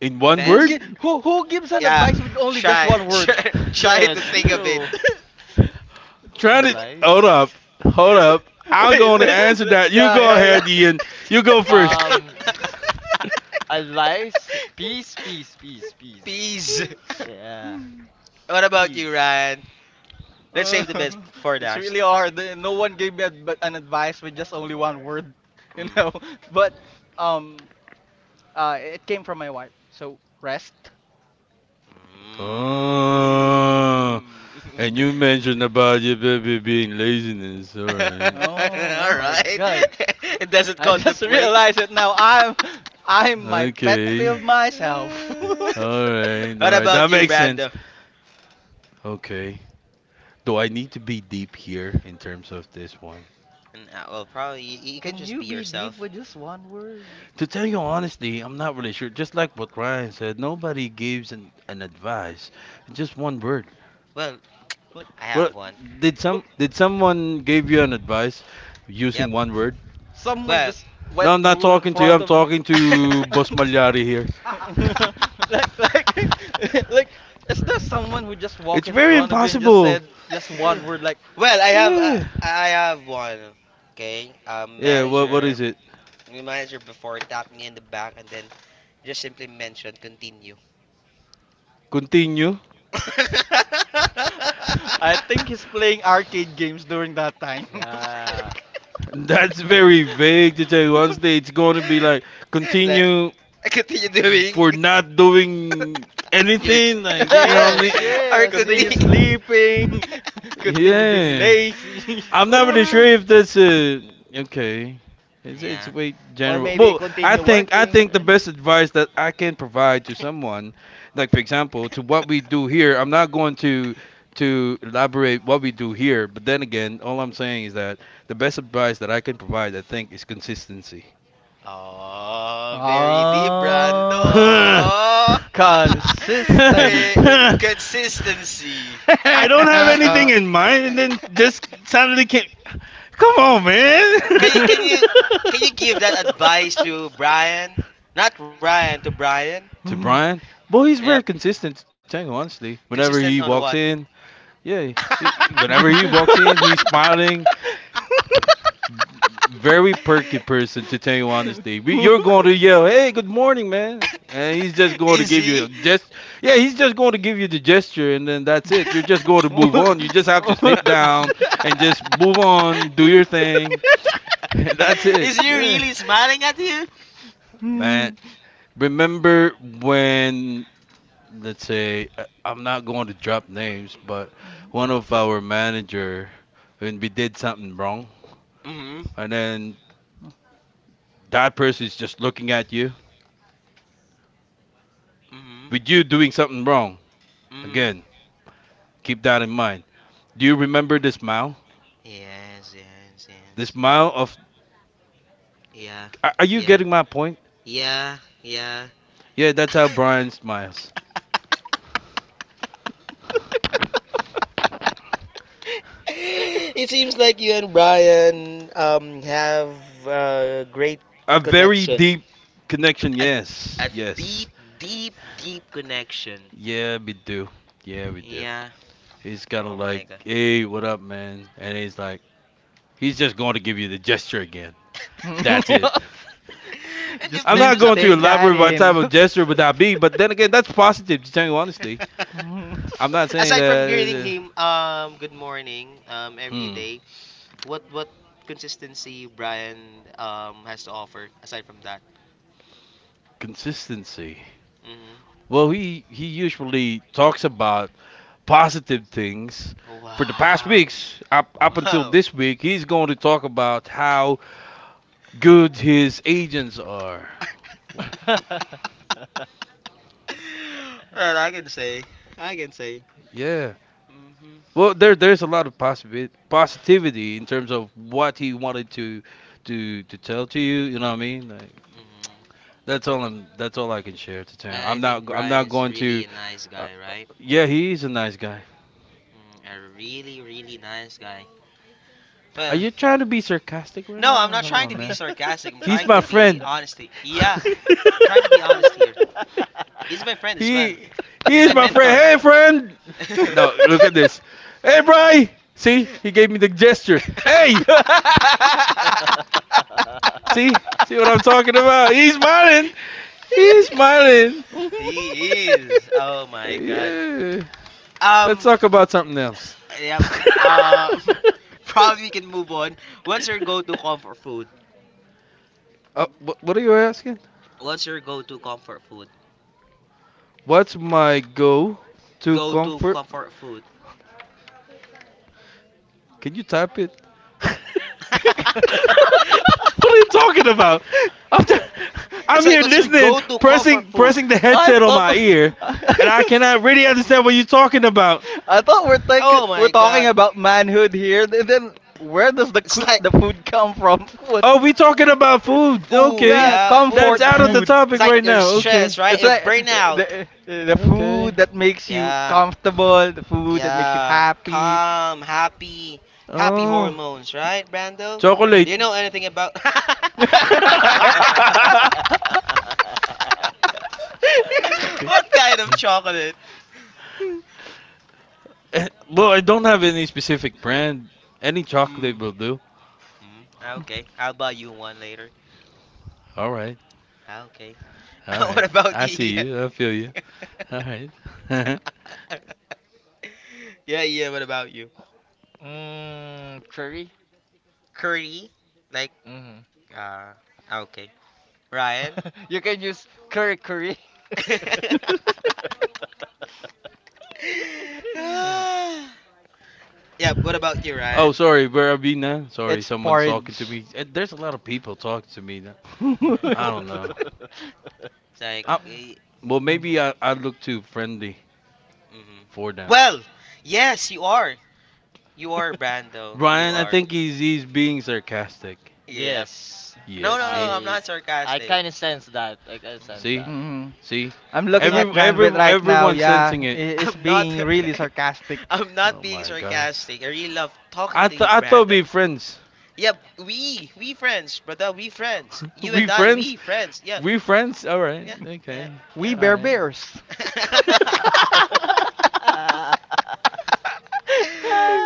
In one
who
Best,
gi-
word?
who gives an
yeah.
advice with only just
Try,
one
[LAUGHS]
word?
try to
Yes,
think of it.
true.
[LAUGHS]
Trying to hold
Advice?
up, hold up.
[LAUGHS]
I'm
Wait,
going to answer that. You
yeah,
go
yeah, yeah.
ahead, Ian. You go first.
Um,
[LAUGHS]
advice? Peace, peace, peace, peace.
Peace.
Yeah,
What about you,
peace.
Ryan? Let's
Uh,
save the best
[LAUGHS]
for
it's
last.
really hard. No one gave me an advice with just only one word, [LAUGHS] you
Mm.
know. But um, it came from my wife. So rest.
Oh,
Mm.
and you mentioned about your baby being laziness. All
[LAUGHS]
right.
Oh, oh
All
my
right.
God!
[LAUGHS] It doesn't
I just [LAUGHS]
contemplate.
realized it now. I'm my pet
Okay.
peeve myself.
All right.
[LAUGHS]
[LAUGHS]
What
All right.
about
That
you,
makes sense.
Brando?
Okay. Do I need to be deep here in terms of this one?
And well, probably you can
Can
just
you
be
be deep
yourself.
with just one word?
To tell you honestly, I'm not really sure. Just like what Ryan said, nobody gives an advice. It's just one word.
Well,
Like,
I
Well,
have one.
well,
did someone give you an advice
Yep.
using one word?
someone
Well.
just
No,
went
I'm not
through in
talking to you.
front
I'm
of you.
talking to
[LAUGHS]
Boss
[LAUGHS]
Malyari here.
Like [LAUGHS] like is there someone who just
It's
walked in
very
front of you and just
impossible.
said just one word like
Well,
Yeah.
I have one. Okay.
Yeah, what is it?
The manager before tapped me in the back and then just simply mentioned continue. [LAUGHS]
Continue.
I think he's
[LAUGHS]
playing arcade games during that time.
Yeah.
That's very vague to tell you. One day it's going to be like
Like,
continue
continue doing
for not doing
[LAUGHS] your
anything. Like
[LAUGHS]
you know what I
Yes,
mean?
or
[LAUGHS]
yes,
Continue
continue.
yes.
sleeping, [LAUGHS] continue
[LAUGHS]
being
Yeah.
lazy.
I'm not really
[LAUGHS]
sure
Ah,
if that's a okay. It's
yeah.
way
Or
general.
maybe
Well, I
continue
think I
working,
think the best advice that I can provide to someone, like for example, to what we do here. I'm not going to elaborate what we do here, but then again, all I'm saying is that the best advice that I can provide, I think, is consistency.
Oh, very deep, Brando.
Ah,
Oh. [LAUGHS] The
Consistency.
[LAUGHS]
consistency.
I don't have
[LAUGHS]
anything in mind, and then this suddenly came. Come on, man.
can you can
[LAUGHS]
you can you give that advice to
[LAUGHS]
Brian? Not Ryan, to Brian.
To
[LAUGHS]
Brian, boy, he's
Yep.
very consistent to Tango. Honestly, whenever he
Consistent on
walks
what? [LAUGHS]
in, yeah,
[LAUGHS]
whenever he walks in, he's smiling. Very perky person to tell you honestly. We- You're going to yell, "Hey, good morning, man," and he's just going to give you a
Easy.
gest. Yeah, he's just going to give you the gesture, and then that's it. You're
[LAUGHS]
just going to move on. You just have to sit down
right?
and just move on, do your thing. [LAUGHS] That's
Is
it.
he
Yeah,
really smiling at you?
man. Remember when? Let's say I- I'm not going to drop names, but one of our manager, when we did something wrong,
Mm-hmm.
and then that person is just looking at you
Mm-hmm.
with you doing something wrong.
Mm-hmm.
Again, keep that in mind. Do you remember this mile?
Yes, yes, yes.
This mile of.
Yeah.
Are you
Yeah.
getting my point?
Yeah. Yeah. [GASPS]
Yeah, that's how Brian smiles.
[LAUGHS] It seems like you and Brian have a great
A very
connection.
deep connection,
A,
yes.
a
Yes.
deep, deep, deep connection.
Yeah, we do. Yeah, we do.
Yeah.
He's kind of
Oh my
like,
god.
hey, what up, man? And he's like, he's just going to give you the gesture again. That's it.
[LAUGHS] And
Just
you've
I'm not
need
mentioned
to
going
something
to
take
with
that
elaborate what type
in.
of gesture would that be, but then again, that's positive, to tell you honestly.
[LAUGHS]
I'm not saying
aside from greeting
that.
him, good morning, every
Hmm.
day. What consistency Brian has to offer aside from that?
Consistency.
Hmm.
Well, he usually talks about positive things. For the past
Wow,
weeks, up until
wow.
this week, he's going to talk about how good his agents are.
[LAUGHS]
[LAUGHS]
Well, I can say.
Yeah.
Hmm.
Well, there's a lot of positive positivity in terms of what he wanted to to tell to you. You know what I mean? Like,
Hmm.
that's all I'm. That's all I can share to tell.
I
I'm not.
think
I'm
Brian
not
is
going
really
to.
a nice
Uh,
guy, right?
yeah, he's a nice guy.
A really, really nice guy.
Are
Well,
you trying to be sarcastic right
no, I'm
now?
not
Come
trying to
on,
be
man.
sarcastic. I'm
[LAUGHS]
He's
trying
my
to be
friend. [LAUGHS]
honest. Yeah, I'm trying to be honest here. He's my friend as well.
he he
He's my
is my friend.
mentor.
Hey, friend. No,
[LAUGHS]
look at this. Hey, Bry. See, he gave me the gesture. Hey, see, see what I'm talking about? He's smiling. He's smiling.
He is. Oh my god.
Yeah. Let's
Um,
talk about something else. [LAUGHS]
yep. Um, [LAUGHS] probably we can move on. What's your go-to comfort food?
What are you asking?
What's your go-to comfort food?
What's my go to
Go-to
comfort?
comfort food.
Can you type it? [LAUGHS] [LAUGHS] What
[LAUGHS]
are you talking about? I'm, t- I'm
It's like
here
what's your
listening,
go-to comfort
pressing
food?
pressing the
I
headset on
thought
my ear, and I
[LAUGHS]
cannot really understand what you're talking about.
I thought we're like
Oh
we're
my
talking
god.
about manhood here. Then where does
It's
the
like
food come from? [LAUGHS] What?
Oh, we talking about food.
Food,
Okay.
Yeah,
yeah,
That's
comfort
food,
out of
man.
the
food.
It's
topic
like
right
you're
now. Okay.
stressed, right?
It's
You're
like uh,
burnout.
the uh, the
Okay.
food that makes you
Yeah,
comfortable, the food that makes you
yeah.
happy.
Calm, happy, happy
Oh.
hormones, right, Brando? Do
Chocolate.
you know anything about? [LAUGHS]
[LAUGHS] Sorry.
What kind of chocolate?
Well, I don't have any specific brand. Any chocolate
Mm,
will do.
Ah, okay, I'll buy you one later.
All right.
Ah, okay. [LAUGHS]
All
What
right.
about
I
you?
see
Ian?
you. I feel you. All right. [LAUGHS]
[LAUGHS] Yeah, yeah. What about you?
Mm, curry?
Curry, like
Mm.
Uh, okay. Ryan?
[LAUGHS] You can use curry curry.
[LAUGHS]
[LAUGHS]
[LAUGHS]
Ah. Yep. What about you,
Oh,
Ryan?
sorry, where I be now? Sorry,
It's
someone's talking to
porridge.
me. There's a lot of people talking to me now. I don't
[LAUGHS]
Uh,
know.
it's like,
I, well, maybe
mm,
I look too friendly
mhm.
for them.
Well, yes, you are. You are, Brando. You
Brian, I
are.
think he's being sarcastic.
Yep.
Yes,
Yeah,
No, no, no,
see,
I'm
I
not
I
sarcastic.
kind of sense that. I kind of sense
Mm,
see,
that.
Mhm.
see.
I'm
I'm
looking
not.
Every
at Janvit
every
right now.
everyone's sensing
Yeah,
it.
[LAUGHS]
is
I'm not.
being really
[LAUGHS]
sarcastic.
I'm not
Oh
being
my God.
sarcastic. I really love talking to you,
I thought
Brando.
we friends.
Yep, we friends, brother, we friends.
[LAUGHS]
You
We
and I,
friends.
we friends. Yep,
We friends. All right.
yeah, yeah,
Okay.
We
All
bear
right.
bears.
yeah. [LAUGHS]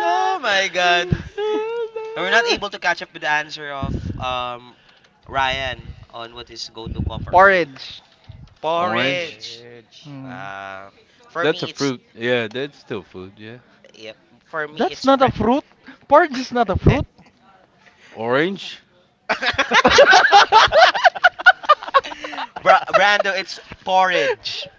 Oh my god. And we're not able to
[LAUGHS]
catch up with the answer of Ryan on what is go to comfort food.
Porridge.
[LAUGHS]
Orange.
Porridge.
Orange.
Hmm.
Uh, for
That's a
me it's
fruit. Yeah, that's still food. Yeah.
yep, for me
That's
it's
not
fre-
a
[LAUGHS]
fruit. Porridge is not a
Eh.
fruit.
Orange.
[LAUGHS]
[LAUGHS]
[LAUGHS]
Brando, it's porridge.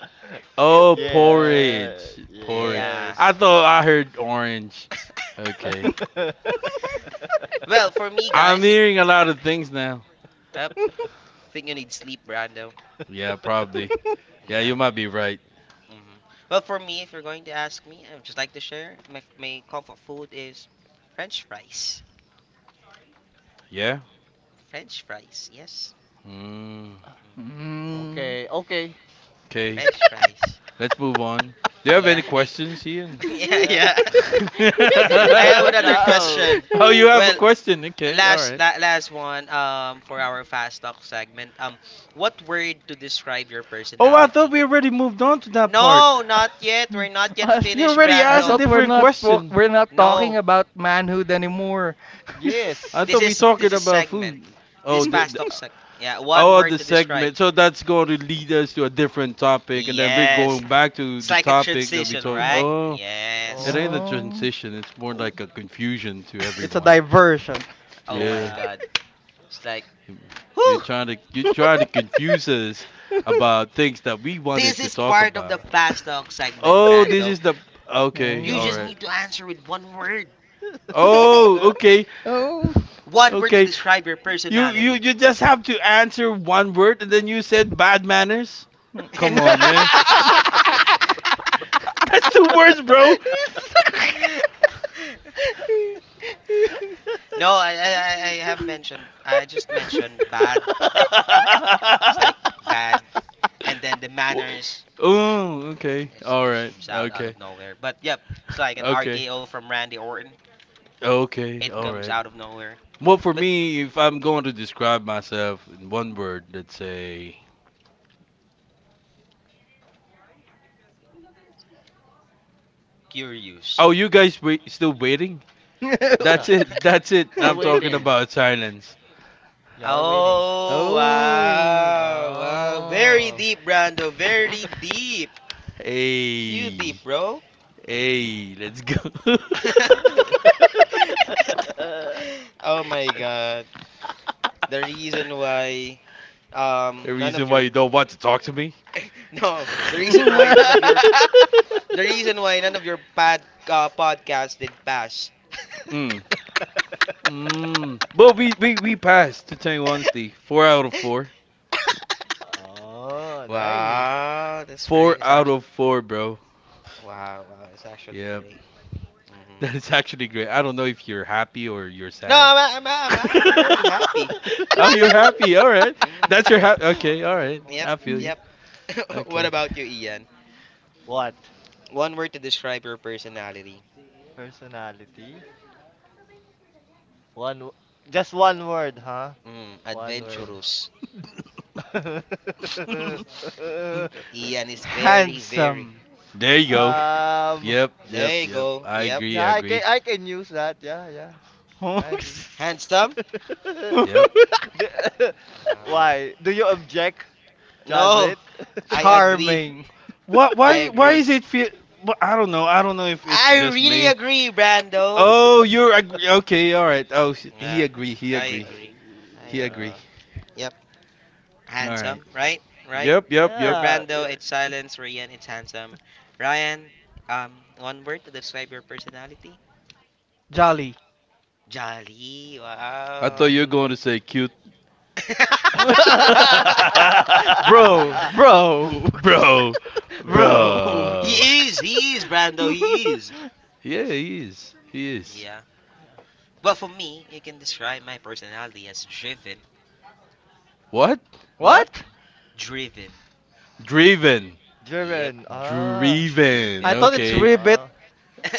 Oh,
Yeah,
porridge. Porridge.
Yeah.
I
yes.
thought I heard orange.
[LAUGHS]
Okay.
[LAUGHS]
Well, for me
I'm
guys, if
hearing a lot of things now.
yep, think you need sleep, Brando.
Yeah, probably. Yeah, you
Yeah.
might be right.
hmm Well, for me, if you're going to ask me, I would just like to share my comfort food is French fries.
Yeah.
French fries, yes.
Mm,
hmm
Mm.
Okay, okay.
okay.
French fries.
Let's move on. Do you have any
Yeah, we.
questions, Ian?
[LAUGHS] Yeah,
Yeah.
yeah.
[LAUGHS]
[LAUGHS] We
[LAUGHS] I have
don't
another
have.
question.
Oh, you have a
Well,
[LAUGHS]
question. Okay. All right.
last one for our fast talk segment. What word to describe your
Oh, I
personality?
thought we already moved on to that part.
No, not
[LAUGHS]
yet. We're not yet
Us-
You
finished,
already
I
asked a
Brando.
thought we're
different
not talk-
question.
we're not talking
No.
about manhood anymore.
I
Yes.
[LAUGHS]
This
thought we
is this
talking
is
about
segment.
food. Oh,
This fast
the
talk seg. Yeah, one
oh
word
the
to describe.
segment. So that's going to lead us to a different topic, and then we're
Yes,
going back to
it's
the
like a
topic that we
transition,
talk.
Hmm.
right?
Oh, it
Yes.
ain't a
Oh,
No,
transition. It's more
W-
like a confusion to
it's a
[LAUGHS]
everyone.
diversion.
oh my
Yeah,
yeah.
God, it's like, whew.
you trying to confuse us
[LAUGHS]
about things that we wanted
This
to
is
talk
part of the
about.
fast talk segment,
Oh, this
Brando.
is the okay.
You
All
just
Hmm.
right.
need to answer with one word.
Oh,
[LAUGHS]
okay,
[LAUGHS] Oh. [LAUGHS]
One word to
okay.
describe your
You you
personality.
you just have to answer one word and then you said bad manners? Come on,
[LAUGHS]
man. [LAUGHS] That's the worst, bro.
He's
No, I have mentioned. I just mentioned
[LAUGHS]
bad. It's like bad, and then the
Wha-
manners
Oh,
and
okay.
this
All
just
right.
comes out
Okay.
of nowhere. But yep, it's like an
Okay.
RKO from Randy Orton.
Okay.
It
All
comes
right.
out of nowhere.
Well, for
But
me, if I'm going to describe myself in one word, let's say,
curious.
"Oh, you guys wait, still waiting?"
so.
Yeah,
That's it.
[LAUGHS]
That's it.
we're
I'm talking
waiting.
about silence.
Yeah, we're waiting.
[LAUGHS]
Oh,
Oh.
wow, wow, very
Oh.
deep, Brando. Very deep. You
Hey.
deep, bro.
Hey, let's go. [LAUGHS]
[LAUGHS]
[LAUGHS] oh my god. The reason why
The
none of
reason why
your
you don't want to talk to me?
[LAUGHS] no, the reason why none of
[LAUGHS]
your the
[LAUGHS]
reason why none of your pad podcast did pass.
Mm. Mm. But we, we,
[LAUGHS]
we passed, to tell you honestly. Four out of
[LAUGHS]
four.
Oh, nice.
Wow, that's
Four
great. It's
out
actually
of four, bro.
wow, wow, it's actually
Yep. [LAUGHS]
great. hmm
That is actually great. I don't know if you're happy or you're
No,
sad. [LAUGHS]
I'm actually very happy.
Oh, you're happy. All right.
[LAUGHS]
Mm,
That's your happy. Okay. All right.
yep,
I feel you.
yep. [LAUGHS] What
Okay.
about you, Ian?
What?
One word to describe your personality.
Personality? One, w- just one word, huh?
Mm,
One word.
adventurous. [LAUGHS]
[LAUGHS]
Ian is
[LAUGHS]
very.
Handsome.
There you go.
hmm
Um,
Yep, yep,
There you
yep.
go.
I
Yep.
agree.
yeah,
I agree.
I can use that. Yeah, yeah, I agree.
Handsome?
[LAUGHS]
Yep.
[LAUGHS]
The- [LAUGHS]
Wow.
Why? Do you object, John
No,
Witt?
I agree.
Charming.
What?
I
Why? Why
agree.
is it feel? I don't know. I don't know if it's
I
just
really
me.
agree, Brando.
Oh, you're agree. Okay. All right. He
Yeah,
agree. He
I
[LAUGHS]
agree.
I-
agree. I
He
agree.
agree.
Yeah.
Yep,
All
handsome,
right.
right? Right.
Yep. Yep.
For
Yep.
Yeah.
Brando, it's silence. Ryan, it's handsome. Ryan, um, one word to describe your personality?
Jolly.
Jolly.
I thought
Wow.
you were
Mm.
going to say cute.
[LAUGHS]
[LAUGHS] Bro,
[LAUGHS]
bro,
[LAUGHS] bro,
[LAUGHS] bro.
bro.
He is. He is Brando. He is.
[LAUGHS]
Yeah, he is. He is.
Yeah.
Yeah.
But for me, you can describe my personality as driven.
What?
What?
What?
Driven.
Driven.
Yep.
Jiren. Ah.
Driven.
I
Driven.
thought it's
Okay.
Yep.
ribbit.
Ah.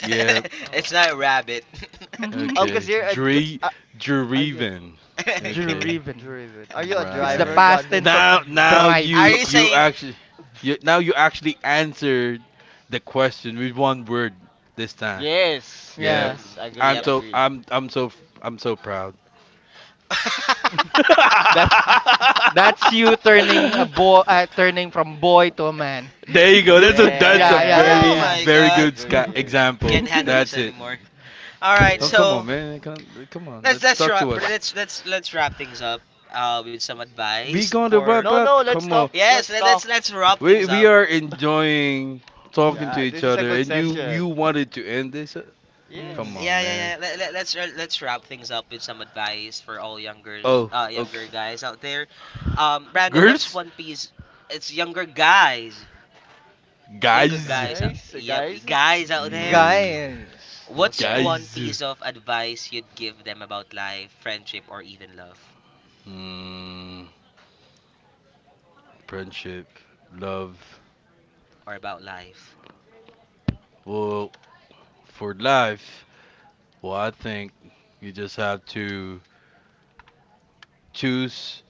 Yeah.
It's
Oh,
not rabbit.
oh,
[LAUGHS]
cause
Okay.
you're a. c- a- Are you a
Dreven. Okay.
[LAUGHS]
Driven.
driven? Are you a
It's the
driver,
Right.
John
past
Witt?
tense of
Now now
drive.
Are
you
you
you
[LAUGHS]
saying
actually you now you actually answered the question with one word this time.
Yes,
Yep.
Yeah,
hmm
yes,
I'm
agree,
yep.
so
agree.
I'm I'm so I'm so proud.
[LAUGHS]
[LAUGHS]
that's that's you turning a boy, turning from boy to a man.
There you
[LAUGHS]
go. That's a
Yeah, yeah, yeah,
Oh
very
yeah.
my
Yes,
very
god.
good
agree.
example.
Can't handle this
That's
[LAUGHS]
it.
anymore. All right,
Oh come
Yes.
on,
so
man! Come on,
let's
let
let's
talk
wrap
to us.
let's let's let's wrap things up with some
We
advice
going to
for
wrap
No, no.
up?
Let's talk.
Come
yes
Let's
let, let's
talk.
let's wrap things
We
up
are enjoying talking to
Yeah,
each
this is a
other,
good
and you
session.
wanted to end this?
yeah
Come
Mhm.
yeah
on,
Yes,
yeah
man.
let's wrap things up with some advice for all younger
Oh,
younger
okay.
guys out there Brando, what's
Girls,
one piece it's younger
guys,
guys out
guys,
yep
guys.
guys out there,
Okay.
Guys.
what's
Okay.
one
guys.
piece of advice you'd give them about life, friendship, or even love
Mm, friendship, love.
or about life.
Well, for life, well, I think you just have to choose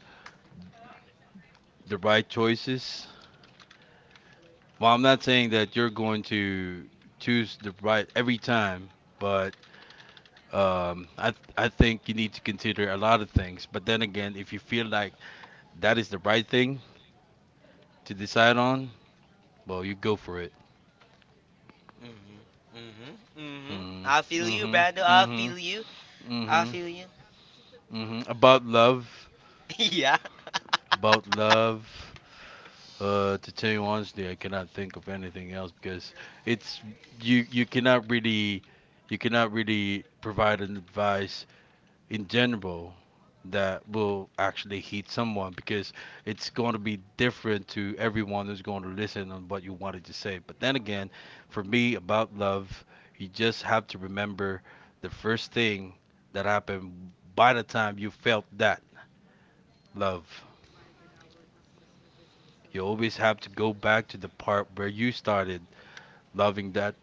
the right choices. Well, I'm not saying that you're going to choose the right every time, but I think you need to consider a lot of things. But then again, if you feel like that is the right thing to decide on, well, you go for it.
Mm-hmm.
Mm,
I
hmm
feel you,
mm
Brando, i
hmm
feel you
mm
i
hmm
feel you
mm hmm About love,
[LAUGHS] Yeah. [LAUGHS]
about love. To tell you honestly, I cannot think of anything else because it's you. You cannot really provide an advice in general that will actually hit someone because it's going to be different to everyone who's going to listen on what you wanted to say. But then again, for me about love, you just have to remember the first thing that happened by the time you felt that love. You always have to go back to the part where you started loving that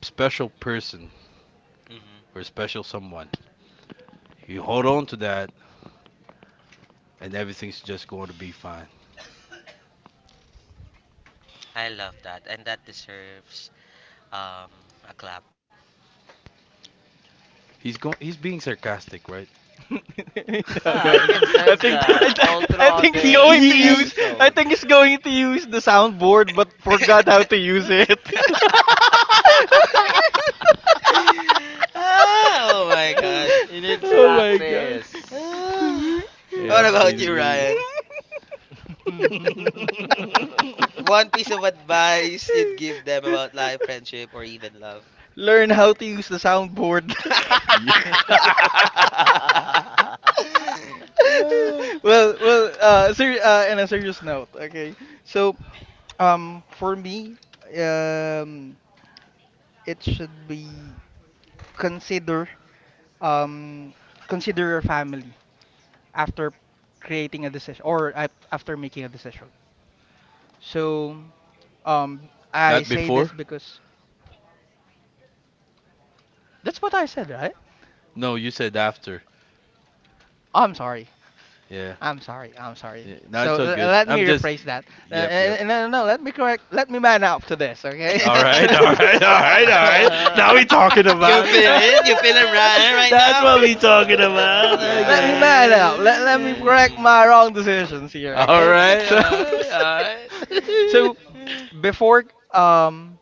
special person
Mm-hmm,
or special someone. You hold on to that and everything's just going to be fine.
I love that, and that deserves um a clap.
He's being sarcastic, right?
[LAUGHS] No, no,
Ah, I
no.
can
I
[LAUGHS]
sense
think I, [LAUGHS]
that all
I think
[LAUGHS]
throughout
he's going to
this
use
He.
I
episode.
think he's going to use the soundboard but forgot how to use it.
[LAUGHS]
[LAUGHS]
[LAUGHS]
oh my god.
Eh,
[SIGHS]
it needs
Oh my god.
practice.
Ah. What
Yep.
hmm
about you,
He-
Ryan? One piece of
[LAUGHS]
advice you'd give them about life, friendship, or even love.
Learn how to use the soundboard.
Yeah.
[LAUGHS]
[LAUGHS]
Ah.
[LAUGHS] Well, in a serious note, okay. So, for me, um, it should be consider um consider your family after creating a decision or after making a decision. So,
[LAUGHS]
I
Not
say
before?
this because that's what I said, right?
No, you said after.
Oh, I'm sorry.
Yeah.
I'm sorry. I'm sorry.
Yeah. No,
So
it's all good.
let me
I'm just.
rephrase that.
Yep. Yep.
No, no, no. Let me correct. Let me man up to this. Okay. [LAUGHS]
[LAUGHS]
So.
All right. Now we talking
You
about. [LAUGHS]
[LAUGHS]
feeling? You feeling Ryan right
That's
now?
what we talking about.
Let
Uh,
me
Yeah.
man up. Let me
Okay.
correct
Mm.
my wrong decisions here.
All
Uh,
Okay.
right,
So
all right, all
[LAUGHS]
right.
so
[LAUGHS]
before um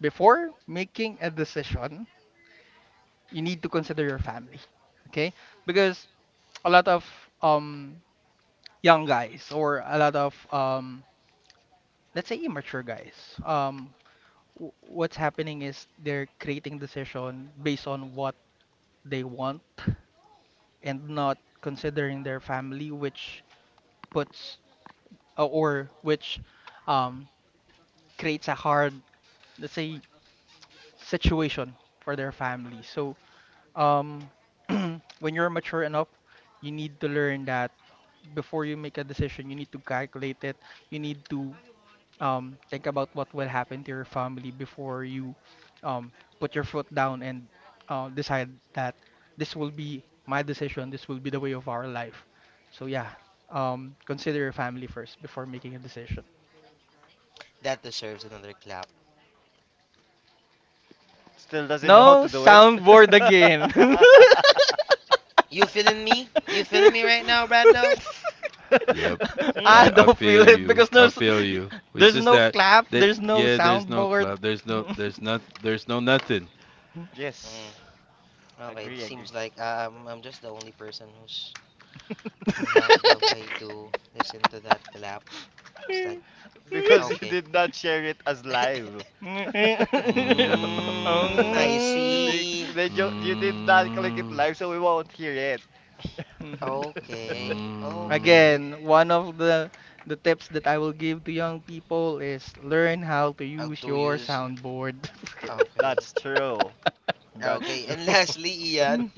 before making a decision, you need to consider your family. Okay. Because a lot of um young guys or a lot of let's say immature guys what's happening is they're creating decision based on what they want and not considering their family which puts or which um creates a hard let's say situation for their family so um [CLEARS THROAT] when you're mature enough you need to learn that before you make a decision you need to calculate it you need to think about what will happen to your family before you um, put your foot down and decide that this will be my decision, this will be the way of our life. So yeah, consider your family first before making a decision.
that deserves another clap.
still doesn't know how
No
to do it.
soundboard
[LAUGHS]
again. [LAUGHS]
You feeling me? You feeling me right now, Brando?
[LAUGHS] Yep,
Hmm?
I
I
don't
feel
feel it
you.
because
I
there's
feel you. It's
there's
just
no
that
clap, there's no
yeah. There's no
soundboard.
club. There's no. There's not. There's no nothing.
Mm.
Yes,
Okay, it
agree, agree.
seems like I'm just the only person who's who have the way to listen to that clap. It's like,
Because you
[LAUGHS]
okay.
did not share it as live.
[LAUGHS]
[LAUGHS]
Hmm.
Mm,
I
[LAUGHS]
Mm.
see.
You did not click it
mm,
live, so we won't hear it.
Mhm.
Okay.
[LAUGHS]
mm.
Okay.
Again, one of the tips that I will give to young people is learn how to
How
use
to
your
use.
soundboard. [LAUGHS]
Okay.
That's true. That's
Okay. And [LAUGHS]
true.
lastly, Ian.
Mm.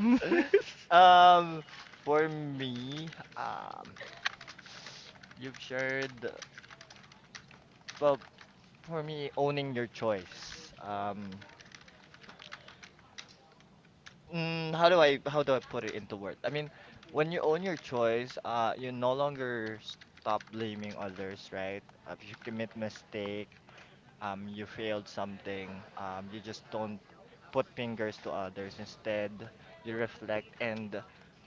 [LAUGHS]
[LAUGHS]
Um, for me, you've shared, well, for me, owning your choice. How do I put it into words? I mean, when you own your choice, you no longer stop blaming others, right? If you commit mistake, you failed something, you just don't put fingers to others. Instead, you reflect and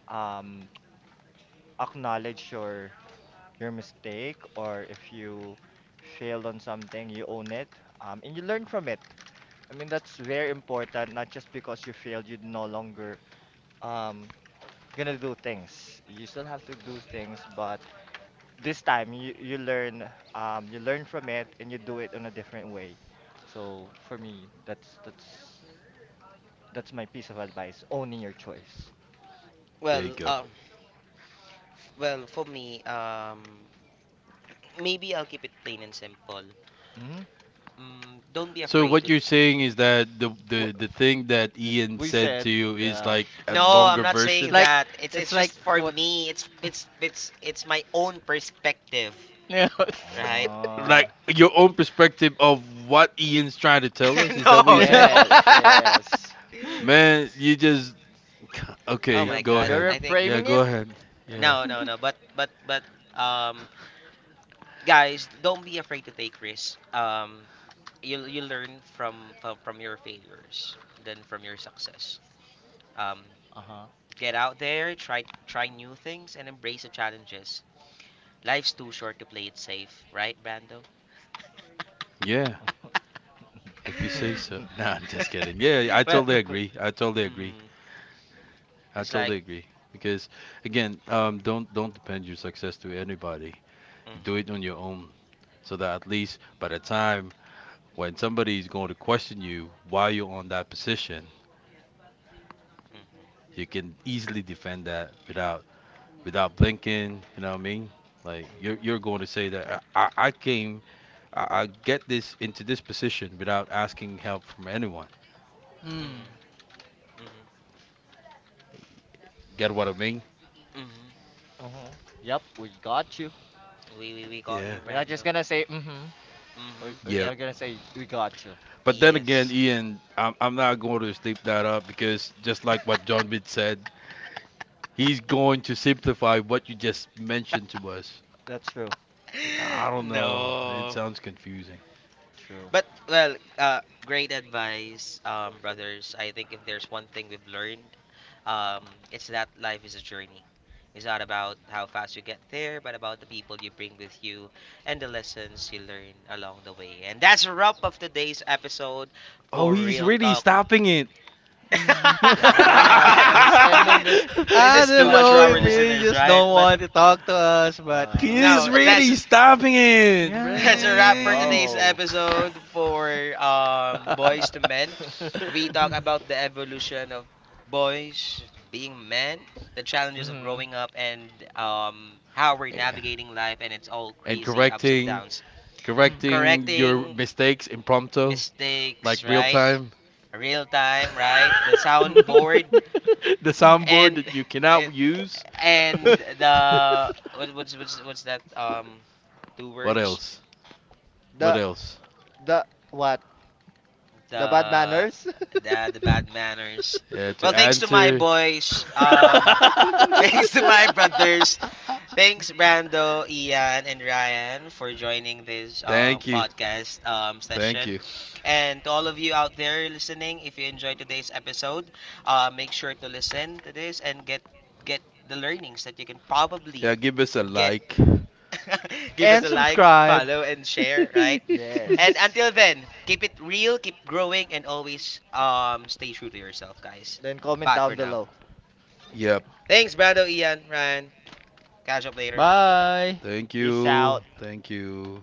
um acknowledge your mistake or if you failed on something, you own it, and you learn from it. I mean, that's very important, not just because you failed, you no longer um gonna do things. You still have to do things, but this time you learn from it and you do it in a different way. So for me, that's that's my piece of advice, owning your choice.
There you
Well,
go.
um, Well, for me, maybe I'll keep it plain and simple.
hmm
Mm, don't be
So what
afraid
you're
to.
saying is that the
What
the the thing that Ian
we
said to
said,
you is
yeah.
like a
No, I'm
longer
not
It's
saying
version,
like
that. It's
it's
it's just
like
for
what?
me. It's my own perspective,
Yeah.
right?
Oh,
like your own perspective of what Ian's trying to tell us.
[LAUGHS]
Is that what you're
No,
saying?
no.
yes,
[LAUGHS]
yes.
Man, you just
Oh
okay.
my
Go
God,
ahead.
You're
I think
Yeah,
framing
go
it?
ahead. Yeah,
no, no, no. But um, guys, don't be afraid to take risks. You you learn from your failures than from your success. Um,
Uh-huh. [LAUGHS]
Get out there, try new things and embrace the challenges. Life's too short to play it safe, right, Brando?
yeah. If you say so. Nah, I'm just kidding.
[LAUGHS]
Yeah, I
well,
totally agree. I totally agree.
mm,
I
it's like
totally agree. Because again, don't depend your success to anybody.
mm, mm,
You do it
mm,
on your own, so that at least by the time when somebody's going to question you while you're on that position, you can easily defend that without without blinking. You know what I mean? Like you're going to say that I came I get this into this position without asking help from anyone.
Mm.
mm,
Get what I mean?
mm, mm.
Mm-hmm. Yep, we got you.
We got
Yeah.
you,
We're not just
Brando.
gonna say mm-hmm.
Mm-hmm.
Yep.
Yep.
We're gonna say we got you.
But then again,
Yes.
Ian, I'm not going to sleep that up because just like what John Bid said, he's going to simplify what you just mentioned to us.
That's true.
I
[LAUGHS]
don't know. It
No.
sounds confusing.
True.
But well, great advice, brothers. I think if there's one thing we've learned, um, it's that life is a journey. It's not about how fast you get there, but about the people you bring with you and the lessons you learn along the way. And that's a wrap of today's episode
Oh,
for
he's
real
really
talk.
stopping it.
Mm.
[LAUGHS]
[LAUGHS]
[LAUGHS]
Yeah,
that's
he's ending this
This
I
is too
don't
much for
know
our
if
discussion.
you
listeners,
just
right?
don't
But
want to talk to us, but
He
[LAUGHS]
is
no,
Uh,
really stopping it,
Yeah.
that's
no,
a wrap for
man.
today's
no.
episode for Boys to
[LAUGHS]
Men. We talk
[LAUGHS]
about the evolution of boys being men, the challenges of
Mm-hmm.
growing up, and how we're
Yeah.
navigating life and its all
And
crazy ups and downs.
correcting your
Correcting
mistakes impromptu, like
mistakes,
real
right?
Yes.
time.
Real
[LAUGHS] The
time, right? The soundboard
soundboard
[LAUGHS] [LAUGHS]
and
that you
and
cannot use.
and
Well, [LAUGHS]
the what, what's that two
what
words?
else? What
The
else?
the what? The bad
the
manners?
the
[LAUGHS]
bad manners.
Yeah, to
Well, thanks to my
answer.
boys. [LAUGHS] Thanks to my brothers. Thanks Brando, Ian, and Ryan for joining this
[LAUGHS] Thank you.
podcast
Thank
session.
you.
And to all of you out there listening, if you enjoyed today's episode, make sure to listen to this and get the learnings that you can probably
Yeah, give us a
get.
like.
[LAUGHS]
And
Give us a like,
subscribe.
follow, and share. Right.
[LAUGHS]
Mhm.
And
Yes.
until then, keep it real, keep growing, and always stay true to yourself, guys.
Then comment
Bye for
down
now.
below.
Yep.
Thanks, Brando, Ian, Ryan. Catch up later.
Bye.
Thank
Peace
you.
out.
Thank you.